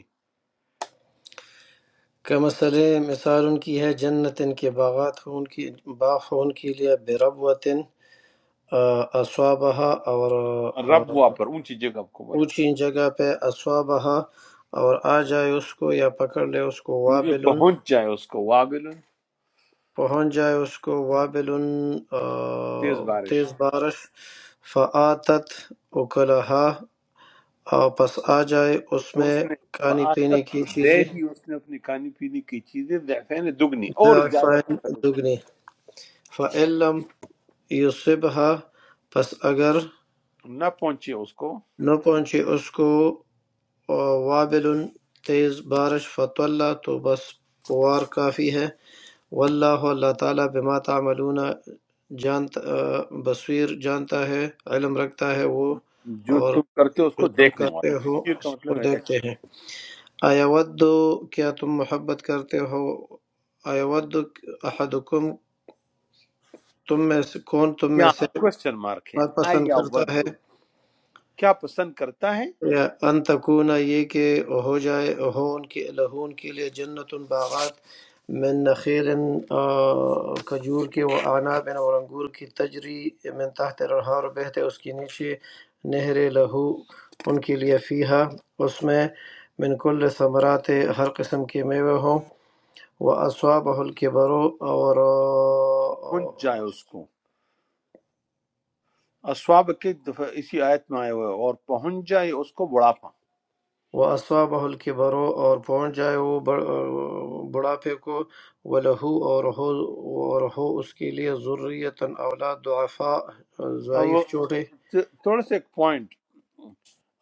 S3: کہ مثل مثال ان کی ہے جنت ان کے باغات ہوں ان کی باغ ہوں ان کے لیے بربوتن اسوابہ اور آ،
S2: رب پر اونچی جگہ کو بنتے
S3: اونچی جگہ پہ اسوابہ اور آ جائے اس کو یا پکڑ لے اس کو وابل
S2: پہنچ جائے اس کو وابل
S3: پہنچ جائے اس کو وابل آ،
S2: تیز بارش
S3: تیز بارش فآتت اکلہا اور پس آ جائے اس
S2: تو
S3: میں
S2: اس نے
S3: کھانے پینے
S2: فآست
S3: کی
S2: کو دے
S3: چیزیں
S2: دی اس نے اپنی کھانے پینے کی چیزیں ضعفین دگنی اور زیادہ
S3: ضعفین
S2: فصل ہو۔
S3: دگنی فعلم یُصِبْہا پس اگر
S2: نہ پہنچے اس کو
S3: نہ پہنچے اس کو وابل تیز بارش فطلّ تو بس پوار کافی ہے واللہ اللہ تعالیٰ بما تعملون جانتا بصیر جانتا ہے علم رکھتا ہے وہ
S2: جو
S3: اور
S2: تم کرتے ہو اس
S3: جو
S2: کو
S3: تم
S2: دیکھنے
S3: کرتے
S2: والا
S3: ہو
S2: تفسیر کا
S3: اس کو
S2: مطلب ہے دیکھ-
S3: دیکھتے ہیں آیا ود کیا تم محبت کرتے ہو آیا ود احدکم تم میں سے کون تم میں
S2: کیا
S3: سے
S2: کوشچن مارک ہے
S3: بات پسند
S2: آیا
S3: کرتا ہے
S2: ودو کیا پسند کرتا ہے
S3: یا ان تکونا یہ کہ ہو جائے ہو ان کے لہون کے لیے جنت باغات من نخیل آ، کھجور کے و آناب اور انگور کی تجری من تحت الانہار بہتے اس کے نیچے نہر لہو ان کے لیے فیہا اس میں من کل ثمرات ہر قسم کے میوے ہوں و اصواب الکبرو اور
S2: پہنچ جائے اس کو اسواب کے دفعہ اسی آیت میں آئے ہوئے ہیں، اور پہنچ جائے اس کو بڑھاپا
S3: وَأَصَابَهُ الْكِبَرُ اور پہنچ جائے وہ بڑھاپے کو وَلَهُ اور ہو اس کے لیے ذُرِّيَّةً اولاد ضعفاء
S2: اور
S3: ضعیف
S2: وہ
S3: چوٹے
S2: تھوڑا سا ایک پوائنٹ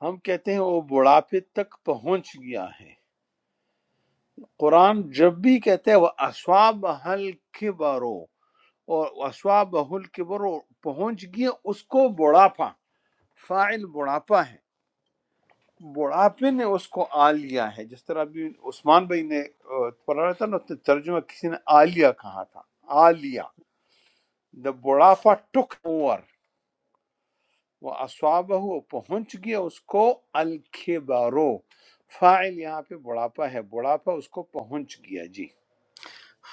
S2: ہم کہتے ہیں وہ بڑھاپے تک پہنچ گیا ہے قرآن جب بھی کہتے ہیں وہ اسواب حل کبرو اور اسواب حل کبرو پہنچ گیا اس کو بڑھاپا فاعل بڑھاپا ہے بڑھاپے نے اس کو آ لیا ہے جس طرح ابھی عثمان بھائی نے آ، پڑھا رہا تھا نا اس نے ترجمہ کسی نے آلیا کہا تھا آلیا دا بڑھاپا ٹک اوور وہ اسواب ہو پہنچ گیا اس کو الکبرو فاعل یہاں پہ بڑھاپا ہے بڑھاپا اس کو پہنچ گیا جی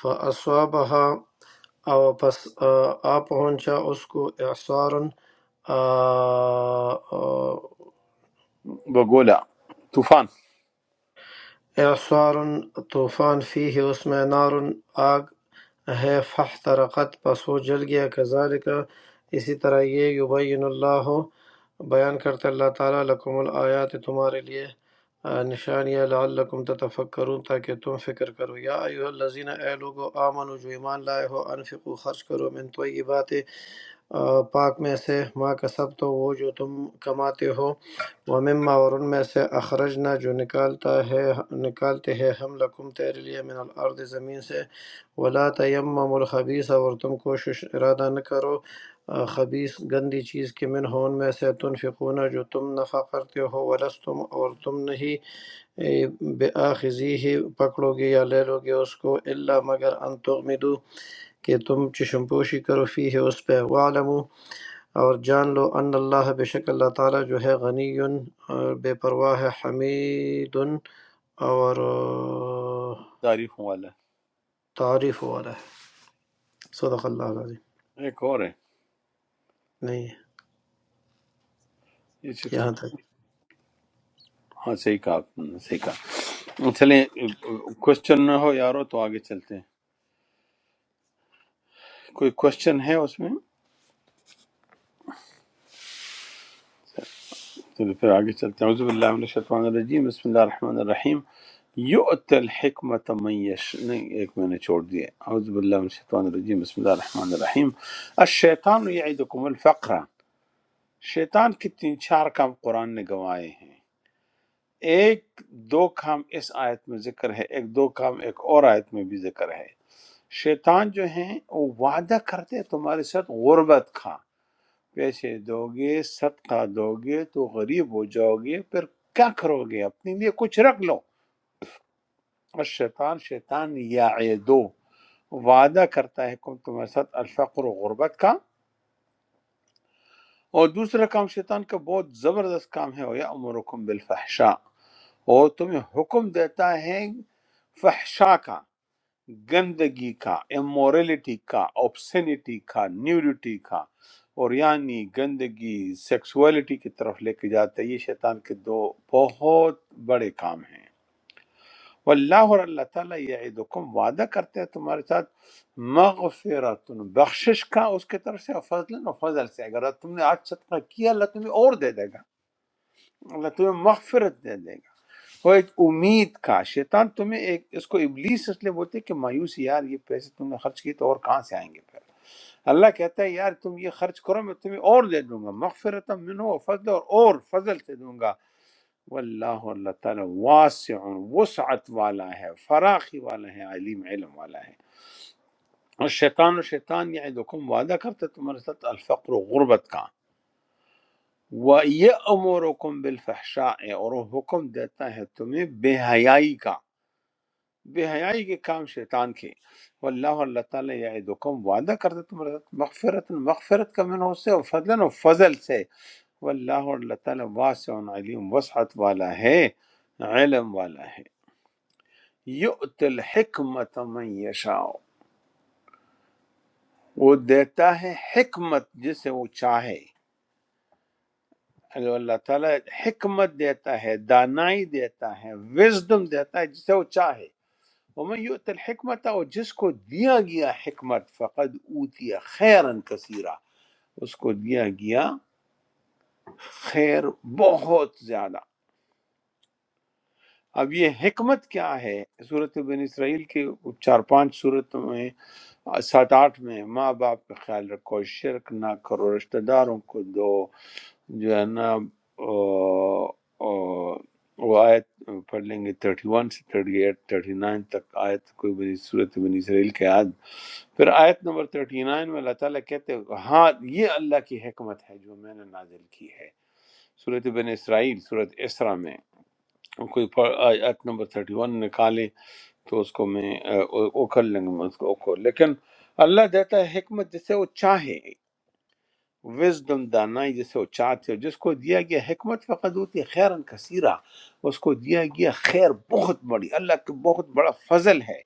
S3: فَأَصَابَهَا اور پس آ آ پہنچا اس کو اعصار
S2: بگولا طوفان
S3: اعصار طوفان فیہ اس میں نار آگ ہے فاحترقت پس وہ جل گیا کذالک اسی طرح یہ یبین اللہ بیان کرتے اللہ تعالیٰ لکم الآیات تمہارے لیے آ، نشانیاں لعلکم تتفکرون تاکہ تم فکر کرو یا ایوہ الذین اے لوگو آمنو جو ایمان لائے ہو انفقو خرچ کرو من طیبات آ، پاک میں سے ما کسب تو وہ جو تم کماتے ہو ومما اور ان میں سے اخرجنا جو نکالتا ہے نکالتے ہیں ہم لکم تیرے لیے من الارض زمین سے ولا تیمم الخبیث اور تم کوشش ارادہ نہ کرو آ، خبیث گندی چیز کے من ہو ان میں سے تنفقون جو تم نفع کرتے ہو ولستم اور تم نہیں اے، بے آخذی ہی پکڑو گے یا لے لو گے اس کو اللہ مگر ان تغمدو کہ تم چشم پوشی کرو فی ہے اس پہ وعلمو اور جان لو ان اللہ بے شک اللہ تعالیٰ جو ہے غنی اور بے پرواہ ہے حمید اور آہ،
S2: تعریفوں والا
S3: تعریف والا ہے صدق اللہ العظیم
S2: ہے۔ ایک اور ہے
S3: نہیں
S2: یہ شخص
S3: یہاں تک
S2: ہاں صحیح کہا آپ نے صحیح کہا چلیں کوشچن نہ ہو یارو تو آگے چلتے ہیں کوئی کوشچن ہے اس میں چلے پھر آگے چلتے ہیں عزب اللہ من الشیطان الرجیم بسم اللہ الرحمن الرحیم یؤت الحکمت من یش نہیں ایک میں نے چھوڑ دیا اعوذ باللہ من الشیطان الرجیم بسم اللہ الرحمن الرحیم الشیطان یعیدکم الفقر شیطان کے تین چار کام قرآن نے گوائے ہیں ایک دو کام اس آیت میں ذکر ہے ایک دو کام ایک اور آیت میں بھی ذکر ہے شیطان جو ہیں وہ وعدہ کرتے ہیں تمہارے ساتھ غربت کا پیسے دو گے صدقہ دو گے تو غریب ہو جاؤ گے پھر کیا کرو گے اپنے لیے کچھ رکھ لو اور شیطان شیطان یا دو وعدہ کرتا ہے کم تمہارے ساتھ الفقر و غربت کا اور دوسرا کام شیطان کا بہت زبردست کام ہے وہ یا امرکم بالفحشاء اور تمہیں حکم دیتا ہے فحشاء کا گندگی کا امورلٹی کا اوبسینٹی کا نیوڈیٹی کا اور یعنی گندگی سیکسولیٹی کی طرف لے کے جاتا ہے یہ شیطان کے دو بہت بڑے کام ہیں واللہ اور اللہ تعالیٰ یعدکم وعدہ کرتے ہیں تمہارے ساتھ مغفرت بخشش کا اس کی طرف سے فضل و فضل سے اگر تم نے آج صدقہ کیا اللہ تمہیں اور دے دے گا اللہ تمہیں مغفرت دے دے گا وہ ایک امید کا شیطان تمہیں ایک اس کو ابلیس اس لیے بولتے ہیں کہ مایوس یار یہ پیسے تم نے خرچ کیے تو اور کہاں سے آئیں گے پھر اللہ کہتا ہے یار تم یہ خرچ کرو میں تمہیں اور دے دوں گا مغفرت منہ و فضل اور اور فضل سے دوں گا واللہ اور اللہ تعالیٰ واسع وسعت والا ہے فراخی والا ہے علیم علم والا ہے اور شیطان و شیطان یعدکم وعدہ کرتا ہے تمہارے ساتھ الفقر و غربت کا وَيَأْمُرُكُمْ بِالْفَحْشَاءِ اور وہ حکم دیتا ہے تمہیں بے حیائی کا بے حیائی کے کام شیطان کے واللہ اللہ تعالیٰ یا دکم وعدہ کرتا ہے تمہارا مغفرت مغفرت کا من سے اور فضلن و فضل سے واللہ اور اللہ تعالیٰ واسع علیم وسعت والا ہے علم والا ہے یؤت الحکمت من یشاء وہ دیتا ہے حکمت جسے وہ چاہے اگر اللہ تعالیٰ حکمت دیتا ہے دانائی دیتا ہے وزڈم دیتا ہے جسے وہ چاہے ومن یؤت الحکمت اور جس کو دیا گیا حکمت فقد اوتی خیرن کثیرہ اس کو دیا گیا خیر بہت زیادہ اب یہ حکمت کیا ہے صورت بن اسرائیل کے چار پانچ صورت میں سات آٹھ میں ماں باپ کا خیال رکھو شرک نہ کرو رشتہ داروں کو دو جو ہے نا آہ، آہ، وہ آیت پڑھ لیں گے تھرٹی ون سے تھرٹی ایٹ تھرٹی نائن تک آیت کوئی بنی صورت بن اسرائیل کے آیت پھر آیت نمبر 39 میں اللہ تعالیٰ کہتے ہیں ہاں یہ اللہ کی حکمت ہے جو میں نے نازل کی ہے صورت بن اسرائیل صورت اسرا میں کوئی پڑھ- آیت نمبر 31 نکالیں تو اس کو میں آ، اوکھل لیں گے، میں اس کو اوکھل لیکن اللہ دیتا ہے حکمت جسے وہ چاہے وزڈم دانائی جسے وہ چاہتے ہو جس کو دیا گیا حکمت فقط ہوتی ہے خیرن کثیرہ اس کو دیا گیا خیر بہت بڑی اللہ کا بہت بڑا فضل ہے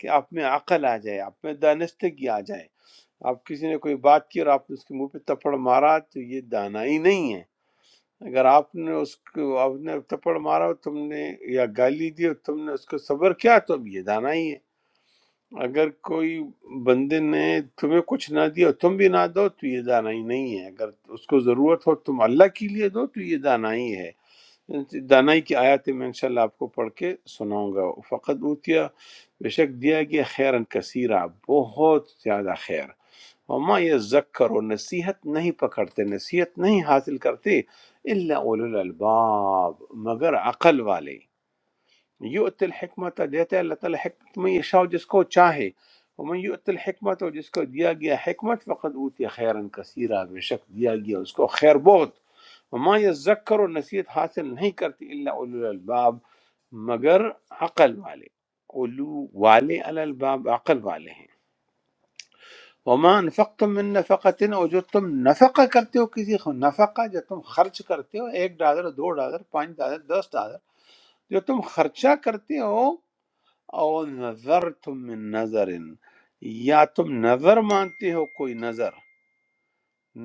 S2: کہ آپ میں عقل آ جائے آپ میں دانستگی آ جائے آپ کسی نے کوئی بات کی اور آپ نے اس کے منہ پہ تپڑ مارا تو یہ دانائی نہیں ہے اگر آپ نے اس کو آپ نے تپڑ مارا اور تم نے یا گالی دی اور تم نے اس کو صبر کیا تو اب یہ دانائی ہے اگر کوئی بندے نے تمہیں کچھ نہ دیا اور تم بھی نہ دو تو یہ دانائی نہیں ہے اگر اس کو ضرورت ہو تم اللہ کے لیے دو تو یہ دانائی ہے دانائی کی آیات میں انشاءاللہ آپ کو پڑھ کے سناؤں گا فقط اوتیا بے شک دیا گیا خیرن کثیرہ بہت زیادہ خیر وما یہ ذکر و نصیحت نہیں پکڑتے نصیحت نہیں حاصل کرتے اللہ اول الالباب مگر عقل والے युत हिकमत देता है अल्लाह ताला हिकमत में यशा जिसको चाहे वमन युत हिकमत और जिसको दिया गया हिकमत फ़कत ऊतिया खैरन कसीरा बेशक दिया गया उसको खैर बहुत वमा यजक्कर और नसीहत हासिल नहीं करती इल्ला उलूल अलबाब मगर अकल वाले उलू वाले अल अलबाब अकल वाले हैं वमा अनफक़तुम मिन नफ़क़तिन और जो तुम नफ़क़ा करते हो किसी ख- नफ़क़ा जो तुम खर्च करते हो एक डॉलर दो डॉलर पाँच डॉलर दस डॉलर जो तुम खर्चा करते हो او نظر تم من نظر یا تم نظر مانتے ہو کوئی نظر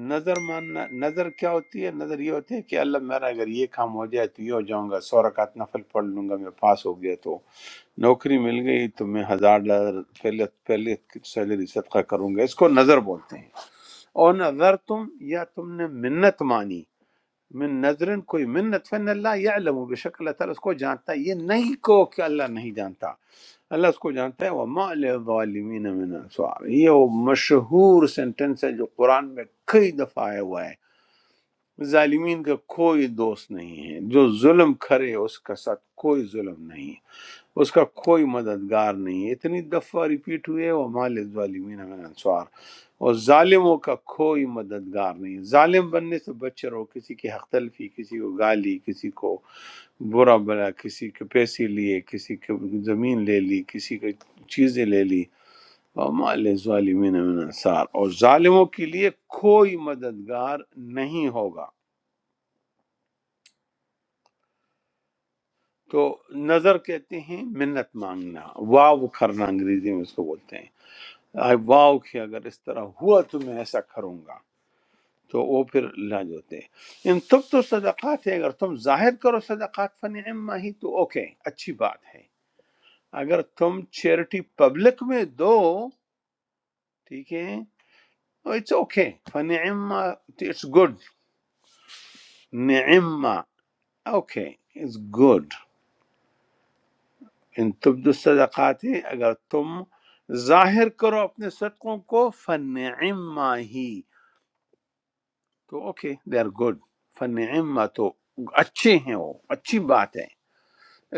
S2: نظر ماننا نظر کیا ہوتی ہے نظر یہ ہوتی ہے کہ اللہ میرا اگر یہ کام ہو جائے تو یہ ہو جاؤں گا سو رکعت نفل پڑھ لوں گا میں پاس ہو گیا تو نوکری مل گئی تو میں ہزار ڈالر پہلے پہلے سیلری صدقہ کروں گا اس کو نظر بولتے ہیں اور نظر تم یا تم نے منت مانی من نظرن کوئی منت فن اللہ یعلم بشک اللہ تعالیٰ اس کو جانتا ہے یہ نہیں کو کہ اللہ نہیں جانتا اللہ اس کو جانتا ہے وَمَا لِلظَّالِمِينَ مِنْ أَنصَارِ یہ وہ مشہور سینٹنس ہے جو قرآن میں کئی دفعہ آیا ہوا ہے ظالمین کا کوئی دوست نہیں ہے جو ظلم کرے اس کا ساتھ کوئی ظلم نہیں اس کا کوئی مددگار نہیں ہے اتنی دفعہ ریپیٹ ہوئے وَمَا لِلظَّالِمِينَ مِنْ أَنصَارِ اور ظالموں کا کوئی مددگار نہیں ظالم بننے سے بچے رہو کسی کی حق تلفی کسی کو گالی کسی کو برا بلا کسی کے پیسے لیے کسی کے زمین لے لی کسی کے چیزیں لے لی وَمَا لِلظَّالِمِينَ من انصار اور ظالموں کے لیے کوئی مددگار نہیں ہوگا تو نظر کہتے ہیں منت مانگنا واو کرنا انگریزی میں اس کو بولتے ہیں آئے واو کہ اگر اس طرح ہوا تو میں ایسا کروں گا تو وہ پھر لاج ہوتے ہیں ان تب تو صدقات ہے اگر تم ظاہر کرو صدقات فن ہی تو اوکے اچھی بات ہے اگر تم چیریٹی پبلک میں دو ٹھیک ہے it's okay fun it's good نعما اوکے اٹس گڈ ان تبدو صدقات ہے اگر تم ظاہر کرو اپنے صدقوں کو فن ہی تو okay they are good fun تو اچھے ہیں وہ اچھی بات ہے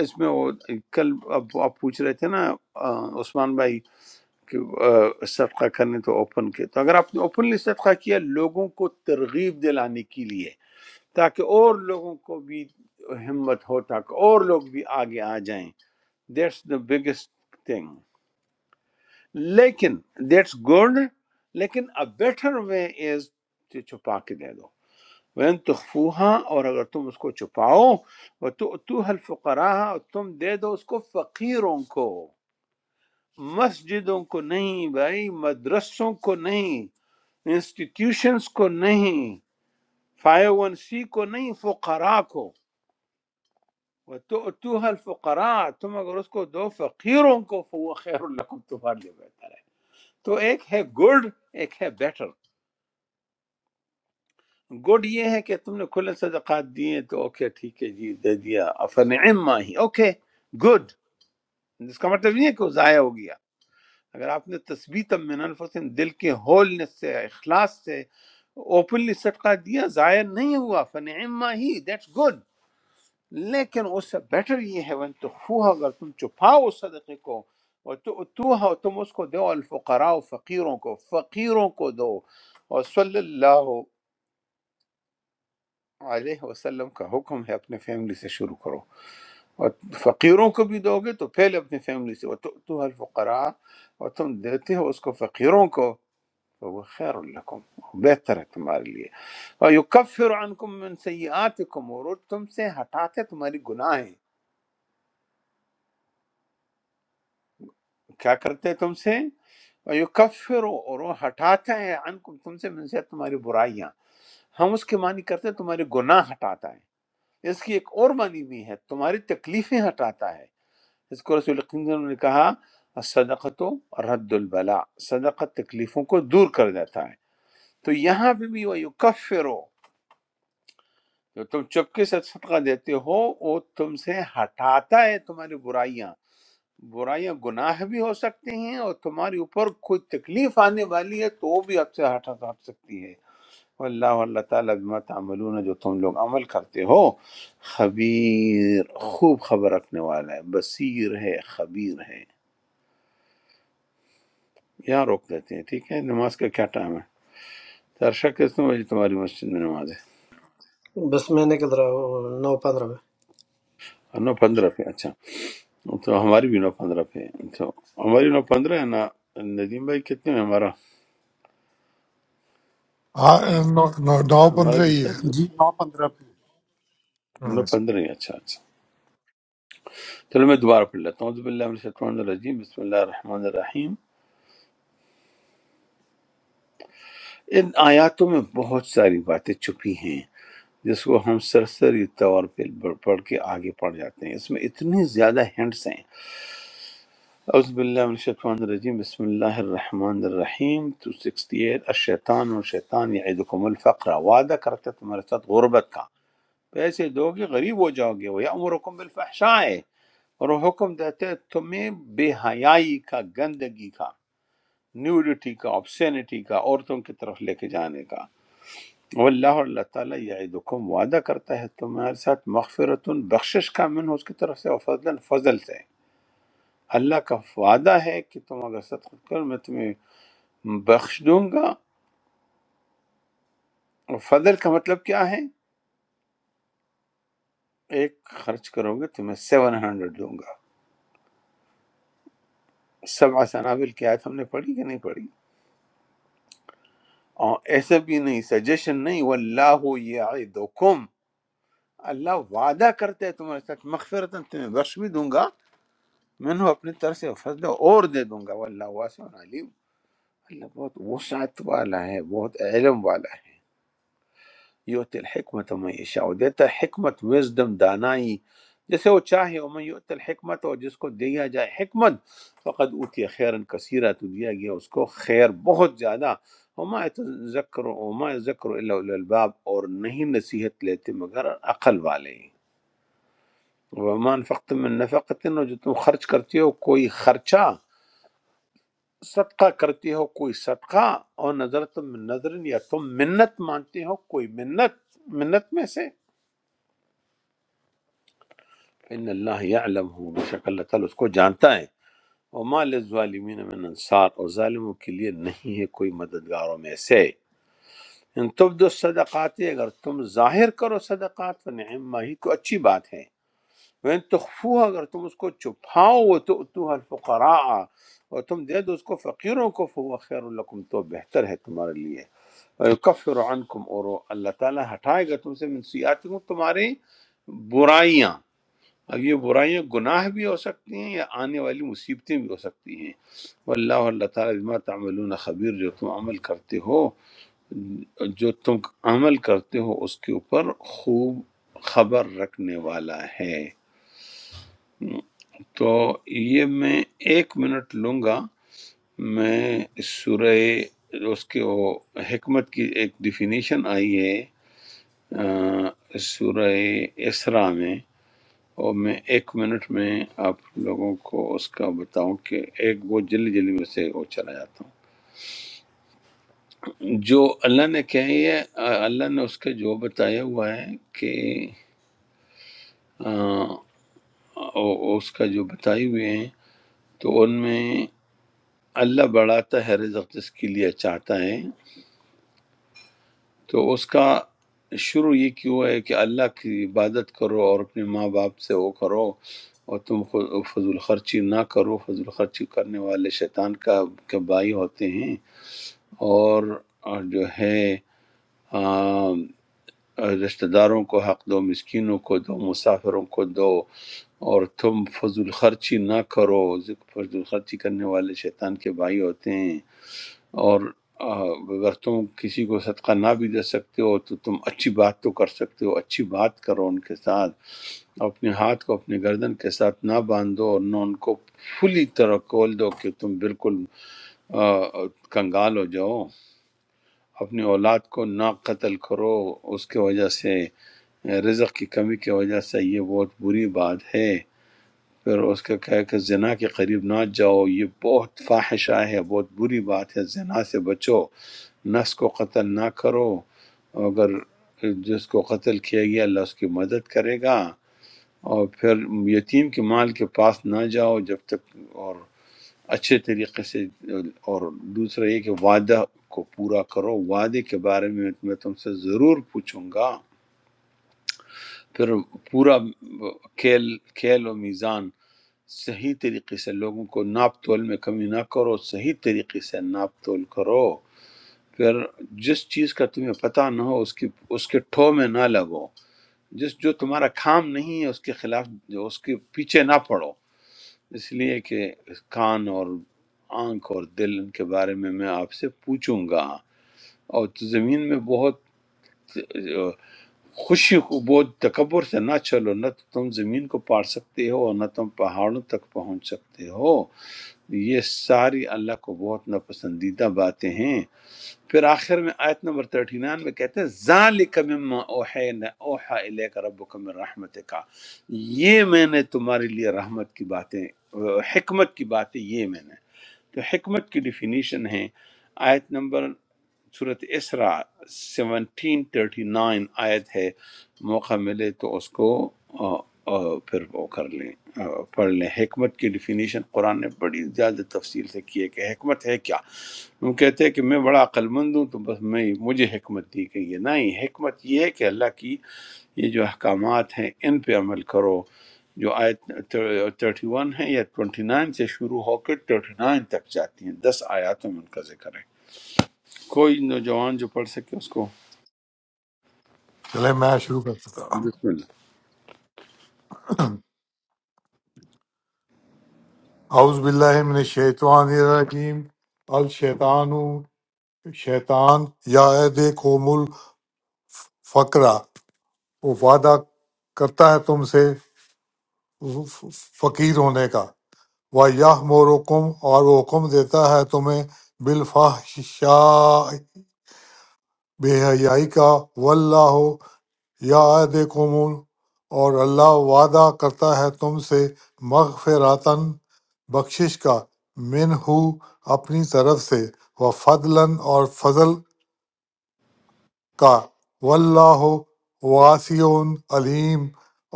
S2: اس میں وہ کل اب آپ پوچھ رہے تھے نا آ، عثمان بھائی کہ آ، صدقہ کرنے تو اوپن کے تو اگر آپ نے اوپنلی صدقہ کیا لوگوں کو ترغیب دلانے کے لیے تاکہ اور لوگوں کو بھی ہمت ہو تاکہ اور لوگ بھی آگے آ جائیں دیٹس دا بگیسٹ تھنگ لیکن دیٹس گڈ لیکن a better way is to چھپا کے دے دو وَإِن تُخْفُوهَا اور اگر تم اس کو چھپاؤ وَتُؤْتُوهَا الْفُقَرَاءَ اور تم دے دو اس کو فقیروں کو مسجدوں کو نہیں بھائی مدرسوں کو نہیں انسٹیٹیوشنز کو نہیں فائیو ون سی کو نہیں فقراء کو وَتُؤْتُوهَا الْفُقَرَاءَ تم اگر اس کو دو فقیروں کو فَهُوَ خَيْرٌ لَكُمْ تمہارے لیے بہتر ہے تو ایک ہے گڈ ایک ہے بیٹر گڈ یہ ہے کہ تم نے کھلے صدقات دیے تو اوکے ٹھیک ہے جی دے دیا فنعم ما ہی اوکے گڈ اس کا مطلب نہیں ہے کہ وہ ضائع ہو گیا اگر آپ نے تثبیت من انفسن دل کے ہولنس سے اخلاص سے اوپنلی صدقہ دیا ضائع نہیں ہوا فنعم ما ہی دیٹس گڈ لیکن اس سے بیٹر یہ ہے ون تخفوها اگر تم چھپاؤ اس صدقے کو وَتُؤْتُوهَا، اور تو توها تم اس کو دو الفقراء فقیروں کو فقیروں کو دو اور صلی اللہ علیہ وسلم کا حکم ہے اپنے فیملی سے شروع کرو اور فقیروں کو بھی دو گے تو پہلے اپنے فیملی سے تو الفقراء اور تم دیتے ہو اس کو فقیروں کو تو وہ خیر الکم بہتر ہے تمہارے لیے اور یکفر عنکم من سیئاتکم اور وہ تم سے ہٹاتے تمہاری گناہیں کیا کرتے ہیں تم سے اور یکفر اور وہ ہٹاتا ہے عنکم تم سے من سے تمہاری برائیاں ہم اس کے معنی کرتے ہیں تمہارے گناہ ہٹاتا ہے اس کی ایک اور معنی بھی ہے تمہاری تکلیفیں ہٹاتا ہے اس کو رسول اکرم صلی اللہ علیہ وسلم نے کہا صدقت رد البلا صدقت تکلیفوں کو دور کر دیتا ہے تو یہاں پہ بھی وہ یکفرو جو تم چپکے سے صدقہ دیتے ہو وہ تم سے ہٹاتا ہے تمہاری برائیاں برائیاں گناہ بھی ہو سکتے ہیں اور تمہارے اوپر کوئی تکلیف آنے والی ہے تو وہ بھی آپ سے ہٹا ہٹ سکتی ہے اللہ اللہ تعالیٰ بما تعملون جو تم لوگ عمل کرتے ہو خبیر خوب خبر رکھنے والا ہے بصیر ہے خبیر ہے یہاں روک دیتے ہیں ٹھیک ہے نماز کا کیا ٹائم ہے ترشا کس نے بجے تمہاری مسجد میں نماز ہے
S3: بس میں نکل رہا ہوں نو پندرہ میں
S2: نو پندرہ پہ اچھا تو ہماری بھی نو پندرہ پہ ہے۔ تو ہماری نو پندرہ ہے نا ندیم بھائی کتنے ہیں ہمارا
S4: ہاں نو نو- نو
S2: ہمارا
S4: پندرہ
S2: بھی
S4: ہی ہے
S2: شاید
S1: جی نو پندرہ پہ
S4: ہاں،
S2: نو پندرہ ہی ہے۔ اچھا اچھا چلو میں دوبارہ پڑھ لیتا ہوں عزب اللہ من الشیطان الرجیم بسم اللہ الرحمن الرحیم ان آیاتوں میں بہت ساری باتیں چھپی ہیں جس کو ہم سرسری طور پہ پڑھ پڑھ کے آگے پڑھ جاتے ہیں اس میں اتنی زیادہ ہینڈس ہیں اعوذ باللہ من الشیطان الرجیم بسم اللہ الرحمن الرحیم 268 الشیطان اور شیطان یعیدکم الفقر وعدہ کرتا ہے تمہارے ساتھ غربت کا پیسے دو گے غریب ہو جاؤ گے ویامرکم بالفحشاء اور وہ حکم دیتے ہیں تمہیں بے حیائی کا گندگی کا نیوڈیٹی کا آبسینٹی کا عورتوں کی طرف لے کے جانے کا واللہ اور اللہ تعالیٰ یعیدکم وعدہ کرتا ہے تمہارے ساتھ مغفرت بخشش کا منہ اس کی طرف سے اور فضل فضل سے اللہ کا وعدہ ہے کہ تم اگر صدقہ کرو میں تمہیں بخش دوں گا اور فضل کا مطلب کیا ہے ایک خرچ کرو گے تو میں سیون ہنڈریڈ دوں گا سب سنابل کی آیت ہم نے پڑھی کہ نہیں پڑھی اور ایسا بھی نہیں سجیشن نہیں واللہ یعدکم اللہ وعدہ کرتے ہے تمہارے ساتھ مغفرتاً تمہیں بخش بھی دوں گا میں نے اپنی طرف سے فضل اور دے دوں گا واللہ واسع علیم اللہ بہت وسعت والا ہے بہت علم والا ہے یوت الحکمت من یشاء وہ دیتا ہے حکمت وزڈم دانائی جسے وہ چاہے ومن یوت الحکمت اور جس کو دیا جائے حکمت فقد اوتی خیرن کثیرہ تو دیا گیا اس کو خیر بہت زیادہ وما ذکر وما ذکر الا اولو الباب اور نہیں نصیحت لیتے مگر عقل والے ومان فقت من نفقت اور جو تم خرچ کرتے ہو کوئی خرچہ صدقہ کرتے ہو کوئی صدقہ اور نظر تم من نظر یا تم منت مانتے ہو کوئی منت منت میں سے ان اللہ یعلم ہوں بے شک اللہ تعالیٰ اس کو جانتا ہے وما للظالمین من انصار اور ظالموں کے لیے نہیں ہے کوئی مددگاروں میں سے ان تب دو صدقات اگر تم ظاہر کرو صدقات فنعم ما ہی تو اچھی بات ہے وین تخفو اگر تم اس کو چھپاؤ وہ تو الفقراء اور تم دے دو اس کو فقیروں کو فهو خیر لکم تو بہتر ہے تمہارے لیے ویکفر عنکم اور اللہ تعالیٰ ہٹائے گا تم سے من سیئاتکم تمہاری برائیاں اب یہ برائیاں گناہ بھی ہو سکتی ہیں یا آنے والی مصیبتیں بھی ہو سکتی ہیں واللہ اور اللہ تعالیٰ بما تعملون خبیر جو تم عمل کرتے ہو جو تم عمل کرتے ہو اس کے اوپر خوب خبر رکھنے والا ہے تو یہ میں ایک منٹ لوں گا میں سورہ اس کے وہ حکمت کی ایک ڈیفینیشن آئی ہے آ، سورہ اسرا میں اور میں ایک منٹ میں آپ لوگوں کو اس کا بتاؤں کہ ایک وہ جلدی جلدی میں سے وہ چلا جاتا ہوں جو اللہ نے کہی ہے آ، اللہ نے اس کا جو بتایا ہوا ہے کہ آ، او- اس کا جو بتائے ہوئے ہیں تو ان میں اللہ بڑھاتا ہے رزق جس کے لیے چاہتا ہے تو اس کا شروع یہ کیوں ہے کہ اللہ کی عبادت کرو اور اپنے ماں باپ سے وہ کرو اور تم خو- فضول خرچی نہ کرو فضول خرچی کرنے والے شیطان کا کے بائی ہوتے ہیں اور اور جو ہے آم، رشتہ داروں کو حق دو مسکینوں کو دو مسافروں کو دو اور تم فضول خرچی نہ کرو ذکر فضول خرچی کرنے والے شیطان کے بھائی ہوتے ہیں اور آ، اگر تم کسی کو صدقہ نہ بھی دے سکتے ہو تو تم اچھی بات تو کر سکتے ہو اچھی بات کرو ان کے ساتھ اپنے ہاتھ کو اپنے گردن کے ساتھ نہ باندھو اور نہ ان کو فلی طرح کھول دو کہ تم بالکل آ، کنگال ہو جاؤ اپنی اولاد کو نہ قتل کرو اس کی وجہ سے رزق کی کمی کی وجہ سے یہ بہت بری بات ہے پھر اس کا کہا کہ زنا کے قریب نہ جاؤ یہ بہت فاحشہ ہے بہت بری بات ہے زنا سے بچو نفس کو قتل نہ کرو اگر جس کو قتل کیا گیا اللہ اس کی مدد کرے گا اور پھر یتیم کے مال کے پاس نہ جاؤ جب تک اور اچھے طریقے سے اور دوسرا یہ کہ وعدہ کو پورا کرو وعدے کے بارے میں میں تم سے ضرور پوچھوں گا پھر پورا کھیل کھیل و میزان صحیح طریقے سے لوگوں کو ناپ تول میں کمی نہ کرو صحیح طریقے سے ناپ تول کرو پھر جس چیز کا تمہیں پتہ نہ ہو اس کی اس کے ٹھو میں نہ لگو جس جو تمہارا کام نہیں ہے اس کے خلاف جو اس کے پیچھے نہ پڑو اس لیے کہ کان اور آنکھ اور دل ان کے بارے میں میں آپ سے پوچھوں گا اور زمین میں بہت خوشی کو بہت تکبر سے نہ چلو نہ تو تم زمین کو پار سکتے ہو اور نہ تم پہاڑوں تک پہنچ سکتے ہو یہ ساری اللہ کو بہت ناپسندیدہ باتیں ہیں پھر آخر میں آیت نمبر 39 میں کہتے ہیں ذالک مما اوحینا اوحا الیک ربک من رحمتک یہ میں نے تمہارے لیے رحمت کی باتیں حکمت کی باتیں یہ میں نے تو حکمت کی ڈیفینیشن ہے آیت نمبر صورت اسرا سیونٹین تھرٹی نائن آیت ہے موقع ملے تو اس کو آ، آ، پھر وہ کر لیں آ، پڑھ لیں حکمت کی ڈیفینیشن قرآن نے بڑی زیادہ تفصیل سے کی ہے کہ حکمت ہے کیا ہم کہتے ہیں کہ میں بڑا عقل مند ہوں تو بس میں مجھے حکمت دی گئی ہے نہیں حکمت یہ ہے کہ اللہ کی یہ جو احکامات ہیں ان پہ عمل کرو جو آیت تھرٹی ون ہے یا ٹوئنٹی نائن سے شروع ہو کے ٹرٹی نائن تک جاتی ہیں دس آیاتوں میں ان کا ذکر ہے کوئی نوجوان جو پڑھ سکے اس کو
S4: چلے میں شروع کرتا ہوں
S2: بسم اللہ
S4: اعوذ باللہ من الشیطان الرجیم الشیطان شیطان یا دیکھو مل فقرا وہ وعدہ کرتا ہے تم سے فقیر ہونے کا وہ یہ مورکم اور وہ حکم دیتا ہے تمہیں بالفحشاء بے حیائی کا واللہ یا عہد قومون اور اللہ وعدہ کرتا ہے تم سے مغفراتن بخشش کا من ہو اپنی طرف سے و فضلاً اور فضل کا واللہ واسی علیم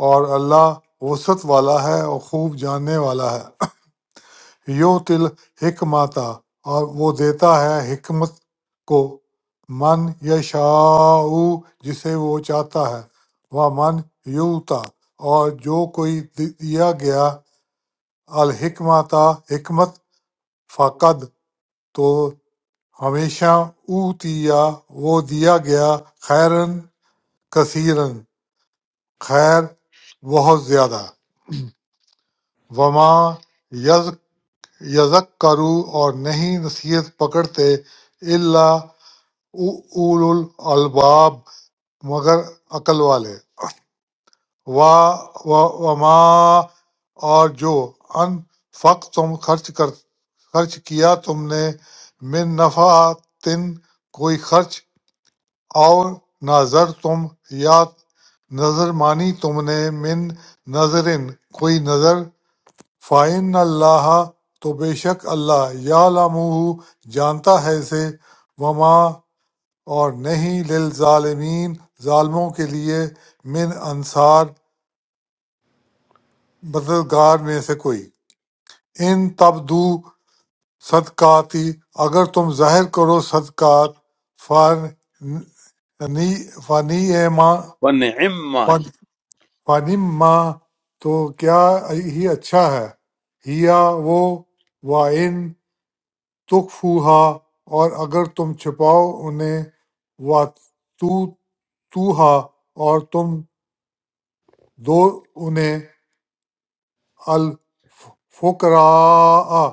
S4: اور اللہ وسعت والا ہے اور خوب جاننے والا ہے یو تل حکمتا اور وہ دیتا ہے حکمت کو من یشاء جسے وہ چاہتا ہے وہ من یوتا اور جو کوئی دی- دیا گیا الحکمتا حکمت فقد تو ہمیشہ اوتیا وہ دیا گیا خیرن کثیرن خیر بہت زیادہ وما یز یذکروا اور نہیں نصیحت پکڑتے الا اولو الالباب مگر عقل والے وا- وا- وما اور جو ان فق تم خرچ کر خرچ کیا تم نے من نفع تن کوئی خرچ اور نظر تم یا نظر مانی تم نے من نظرن کوئی نظر فَإِنَّ اللَّهَ تو بے شک اللہ يَعْلَمُهُ جانتا ہے اسے وَمَا اور نہیں لِلظَّالِمِينَ ظالموں کے لیے مِنْ انصار مددگار میں سے کوئی ان تبدو صدقاتی اگر تم ظاہر کرو صدقات فنی فنی ایما
S2: ونعم ما ہی
S4: فنما تو کیا ہی اچھا ہے ہیا وہ وَإِنْ تخفوها اور اگر تم چھپاؤ انہیں واتوتوہا اور تم دو انہیں الفقراء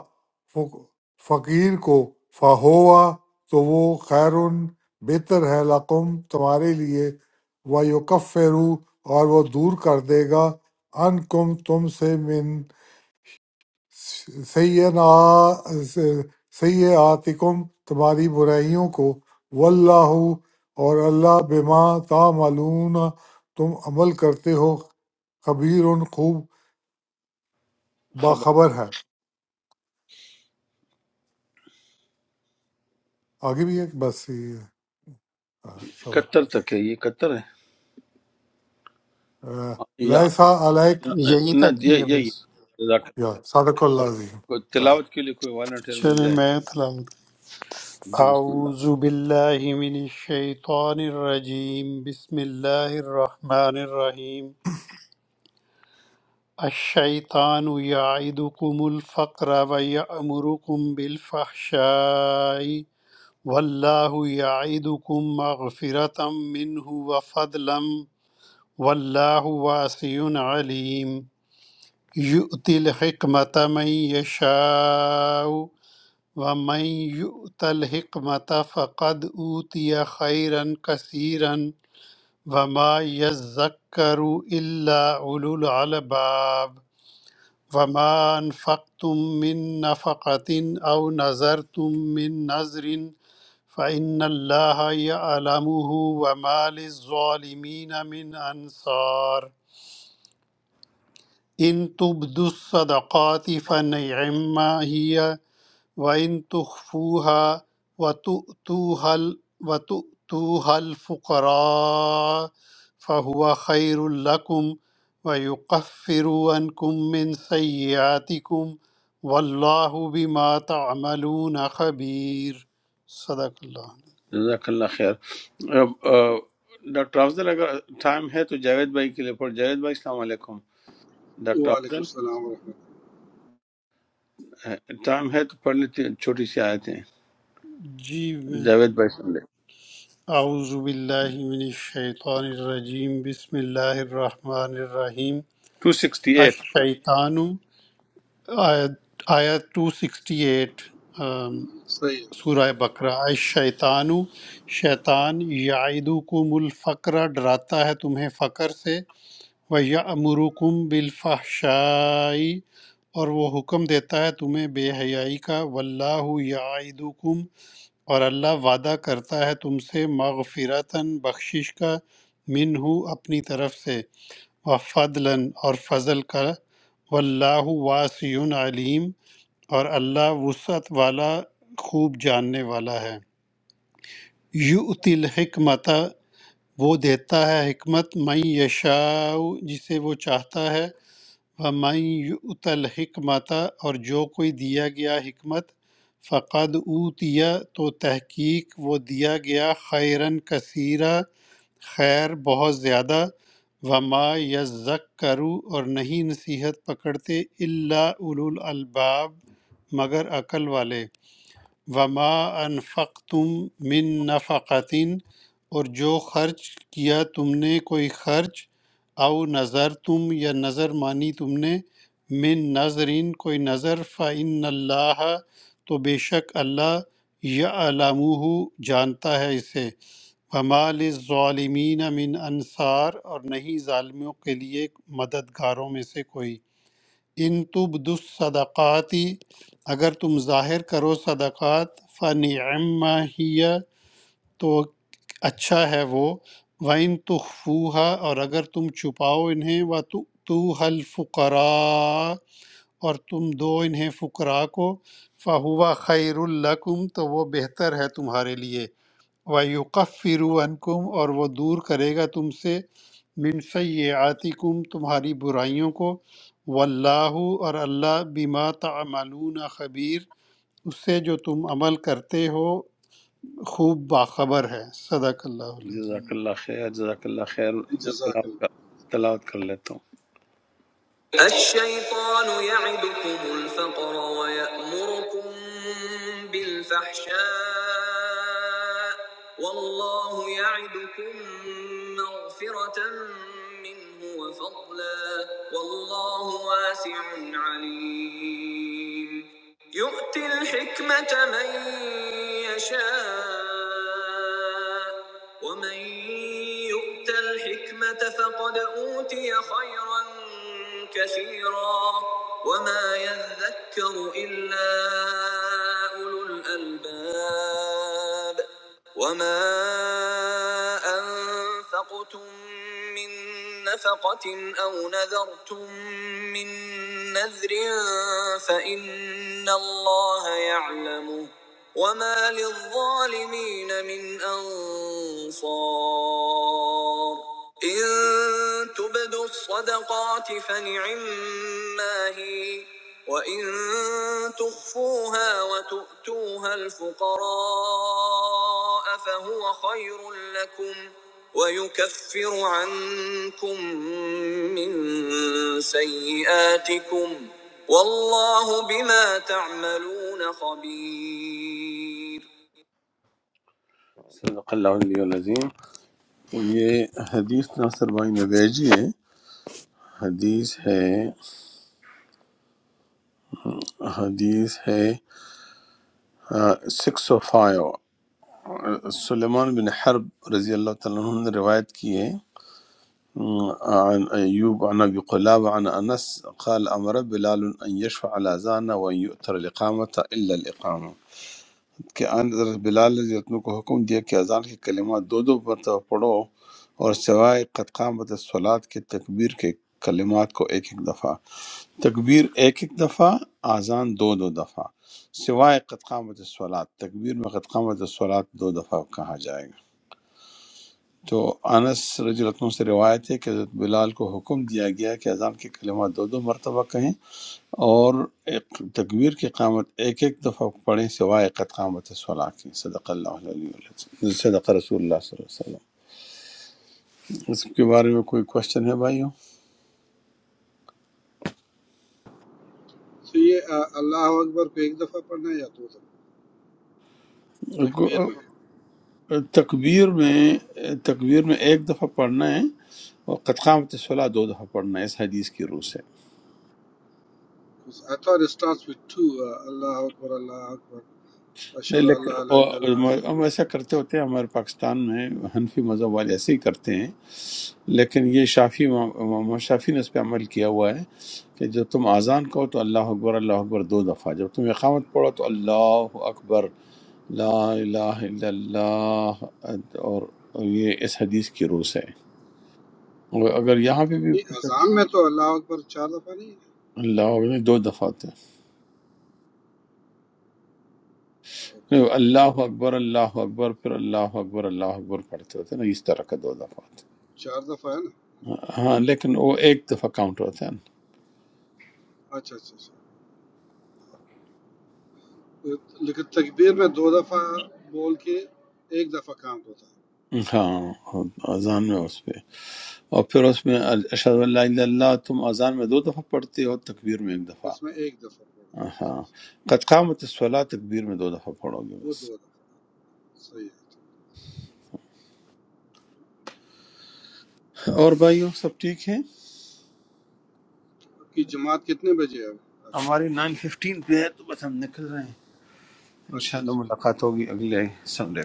S4: فق- فقیر کو فہوا تو وہ خیر بہتر ہے لقم تمہارے لیے و یکفرو اور وہ دور کر دے گا ان کم تم سے من سیئاتکم تمہاری برائیوں کو واللہ اور اللہ بما تعملون تم عمل کرتے ہو خبیر خوب
S2: خبر
S4: باخبر ہے آگے بھی ایک بس یہ ہے۔ آہ، صدق
S2: کتر تک ہے یہ کتر ہے یا
S4: لائسا علیک
S1: یہی
S2: نہ
S1: تک
S2: یہ
S1: ہی ہے
S2: یہی
S1: بس
S2: ہے۔ جزاک
S4: یا صدق
S2: اللہ۔ آپ
S4: اللہ عظیم
S2: کو تلاوت
S4: صدق
S2: کے لیے کوئی والنٹیئر مل
S1: چلے
S2: جائے
S1: میں تلاوت
S2: جی بسم اللہ
S1: اعوذ باللہ من الشیطان الرجیم بسم اللہ الرحمن الرحیم الشیطان یعدکم الفقر ویأمرکم بالفحشائی والله يعدكم مغفرة منه وفضلا والله واسع عليم يؤتي الحكمة من يشاء ومن يؤت الحكمة فقد أوتي خيرا كثيرا وما يذكر إلا أولو الألباب وما أنفقتم من نفقة أو نذرتم من نذر فإن الله يعلمه وما للظالمين من أنصار إن تبدوا الصدقات فنعما هي وَإِن تُخْفُوهَا وَتُؤْتُوهَا ال- وَتُؤْتُوهَا الْفُقَرَاءَ فَهُوَ خَيْرٌ لَكُمْ وَيُكَفِّرُ عَنْكُم مِّنْ سَيِّئَاتِكُمْ وَاللَّهُ بِمَا تَعْمَلُونَ خَبِيرٌ صدق اللہ
S2: جزاک اللہ خیر اب، آ، ڈاکٹر افضل اگر ٹائم ہے تو جاوید بھائی کے لیے پڑھ جاوید بھائی السلام علیکم ڈاکٹر
S6: وعلیکم
S2: افضل
S6: السلام ورحمۃ
S2: ہے، ٹائم ہے تو پڑھ لیتے ہیں، چھوٹی سی آیتیں
S1: جی میں
S2: جاوید بھائی سن لے
S1: اعوذ باللہ من الشیطان الرجیم بسم اللہ الرحمن الرحیم
S2: ٹو سکسٹی ایٹ
S1: الشیطان آیت آیت 268
S6: اللہ صحیح
S1: سورہ بقرہ شیطان شیطان یعیدکم الفقر ڈراتا ہے تمہیں فقر سے و یامرکم بالفحشائی اور وہ حکم دیتا ہے تمہیں بے حیائی کا واللہ یعیدکم اور اللہ وعدہ کرتا ہے تم سے مغفرتاً بخشش کا منہ اپنی طرف سے و فضلاً اور فضل کا واللہ واسع علیم اور اللہ وسعت والا خوب جاننے والا ہے یؤتی الحکمت وہ دیتا ہے حکمت من یشاء جسے وہ چاہتا ہے و من یؤت الحکمت اور جو کوئی دیا گیا حکمت فقد اوتیا تو تحقیق وہ دیا گیا خیرن کثیرہ خیر بہت زیادہ وما یذکروا اور نہیں نصیحت پکڑتے الا اولو الالباب مگر عقل والے وما انفقتم من نفقتن اور جو خرچ کیا تم نے کوئی خرچ او نظر تم یا نظر مانی تم نے من نظرین کوئی نظر فعن اللہ تو بے شک اللہ یا علامہ جانتا ہے اسے وما للظالمین من انصار اور نہیں ظالموں کے لیے مددگاروں میں سے کوئی ان تبد الصدقاتی اگر تم ظاہر کرو صدقات فنعم ہی تو اچھا ہے وہ وَإِن تُخْفُوهَا اور اگر تم چھپاؤ انہیں وَتُؤْتُوهَا الْفُقَرَاءَ اور تم دو انہیں فقراء کو فَهُوَ خَيْرٌ لَكُمْ تو وہ بہتر ہے تمہارے لیے وَيُكَفِّرُ عَنْکُمْ اور وہ دور کرے گا تم سے من سیئاتکم تمہاری برائیوں کو واللہ اور اللہ بما تعملون خبیر اس سے جو تم عمل کرتے ہو خوب باخبر ہے صدق اللہ العظیم
S2: جزاک اللہ خیر جزاک اللہ خیر
S6: ہے
S2: میں
S6: جزاک
S2: تلاوت
S6: اللہ
S2: کر تلاوت کر لیتا ہوں الشيطان يعدكم الفقر ويأمركم بالفحشاء والله يعدكم مغفرة منه وفضلا والله واسع عليم يؤتي الحكمة من يشاء ومن ومن يؤت الحكمة فقد أوتي خيرا كثيرا وما يذكر إلا أولو الألباب وما أنفقوا أنفقتم من نفقة أو نذرتم من نذر فإن الله يعلمه وما للظالمين من أنصار إن تبدوا الصدقات فنعما هي وإن تخفوها وتؤتوها الفقراء فهو خير لكم ويكفر عنكم من سيئاتكم والله بما تعملون خبير صدق اللہ علیہ العظیم یہ حدیث ناصر بھائی نے بھیجی ہے حدیث ہے حدیث ہے سکس او فائیو سلیمان بن حرب رضی اللہ تعالیٰ عنہ نے روایت کی ہے آ، عن ایوب عن ابی قلاب عن انس قال امر بلال ان يشفع الاذان وان يؤتر الاقامه الا الاقامه کہ آن حضرت بلال رضی اللہ عنہ کو حکم دیا کہ اذان کے کلمات دو دو مرتبہ پڑھو اور سوائے قد قامت الصلاۃ کے تکبیر کے کلمات کو ایک ایک دفعہ تکبیر ایک ایک دفعہ آزان دو دو دفعہ سوائے قد قامت الصلاۃ تکبیر میں قد قامت الصلاۃ دو دفعہ کہا جائے گا تو انس رضی اللہ عنہ سے روایت ہے کہ حضرت بلال کو حکم دیا گیا کہ اذان کے کلمات دو دو مرتبہ کہیں اور ایک تکبیر کی قامت ایک ایک دفعہ پڑھیں سوائے قد قامت صلاح کی صدق اللہ علیہ وسلم صدق رسول اللہ صلی اللہ علیہ وسلم اس کے بارے میں کوئی کوشچن ہے بھائیوں
S6: تو یہ آ، اللہ اکبر کو ایک دفعہ پڑھنا ہے یا دو دفعہ تکبیر میں
S2: تکبیر میں تکبیر میں ایک دفعہ پڑھنا ہے اور قد قامت صلاح دو دفعہ پڑھنا ہے اس حدیث کی روح سے
S6: I thought it starts with two آ، اللہ اکبر اللہ اکبر
S2: نہیں
S6: اشہد ان
S2: لیکن
S6: لا الہ الا اللہ اشہد
S2: وہ-
S6: ان-
S2: ہم ایسا کرتے ہوتے ہیں ہمارے پاکستان میں حنفی مذہب والے ایسے ہی کرتے ہیں لیکن یہ شافی محمد شافی نے اس پہ عمل کیا ہوا ہے کہ جب تم اذان کہو تو اللہ اکبر اللہ اکبر دو دفعہ جب تم اقامت پڑھو تو اللہ اکبر لا الہ الا اللہ اور یہ اس حدیث کی روس ہے اور اگر یہاں پہ بھی
S6: نہیں، اذان میں تو اللہ اکبر چار دفعہ نہیں
S2: اللہ اکبر دو دفعہ ہوتے ہیں
S6: ہے
S2: اللہ اکبر اللہ اکبر پھر اللہ اکبر اللہ اکبر پڑھتے ہوتے ہیں نا اس طرح کا دو دفعہ ہوتا ہے
S6: چار دفعہ ہے نا
S2: ہاں لیکن وہ ایک دفعہ کاؤنٹ ہوتا
S6: اچھا اچھا اچھا لیکن تکبیر میں دو دفعہ بول کے ایک دفعہ کاؤنٹ ہوتا
S2: ہے ہاں اذان میں اس پہ اور پھر اس میں اشہد اللہ الا اللہ تم اذان میں دو دفعہ پڑھتے ہو تکبیر میں ایک
S6: ہے
S2: دفعہ
S6: اس میں ایک دفعہ بولنا
S2: ہاں
S6: ہے
S2: قد قامت الصلاة تکبیر میں دو دفعہ پڑھو گے
S6: وہ
S2: بس
S6: دو دفعہ صحیح ہے
S2: اور بھائیو سب ٹھیک ہے
S6: آپ کی جماعت کتنے بجے ہے اب؟
S2: ہماری نائن ففٹین پہ ہے تو بس ہم نکل رہے ہیں
S6: اچھا
S2: انشاءاللہ
S6: اچھا
S2: ملاقات ہوگی اگلے سنڈے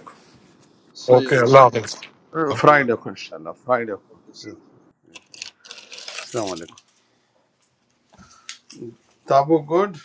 S6: Say,
S4: اوکے
S6: Angela,
S4: اللہ حافظ
S2: کو
S6: I love
S2: فرائیڈے کو انشاءاللہ فرائیڈے کو
S6: you.
S2: السلام علیکم تابو گڈ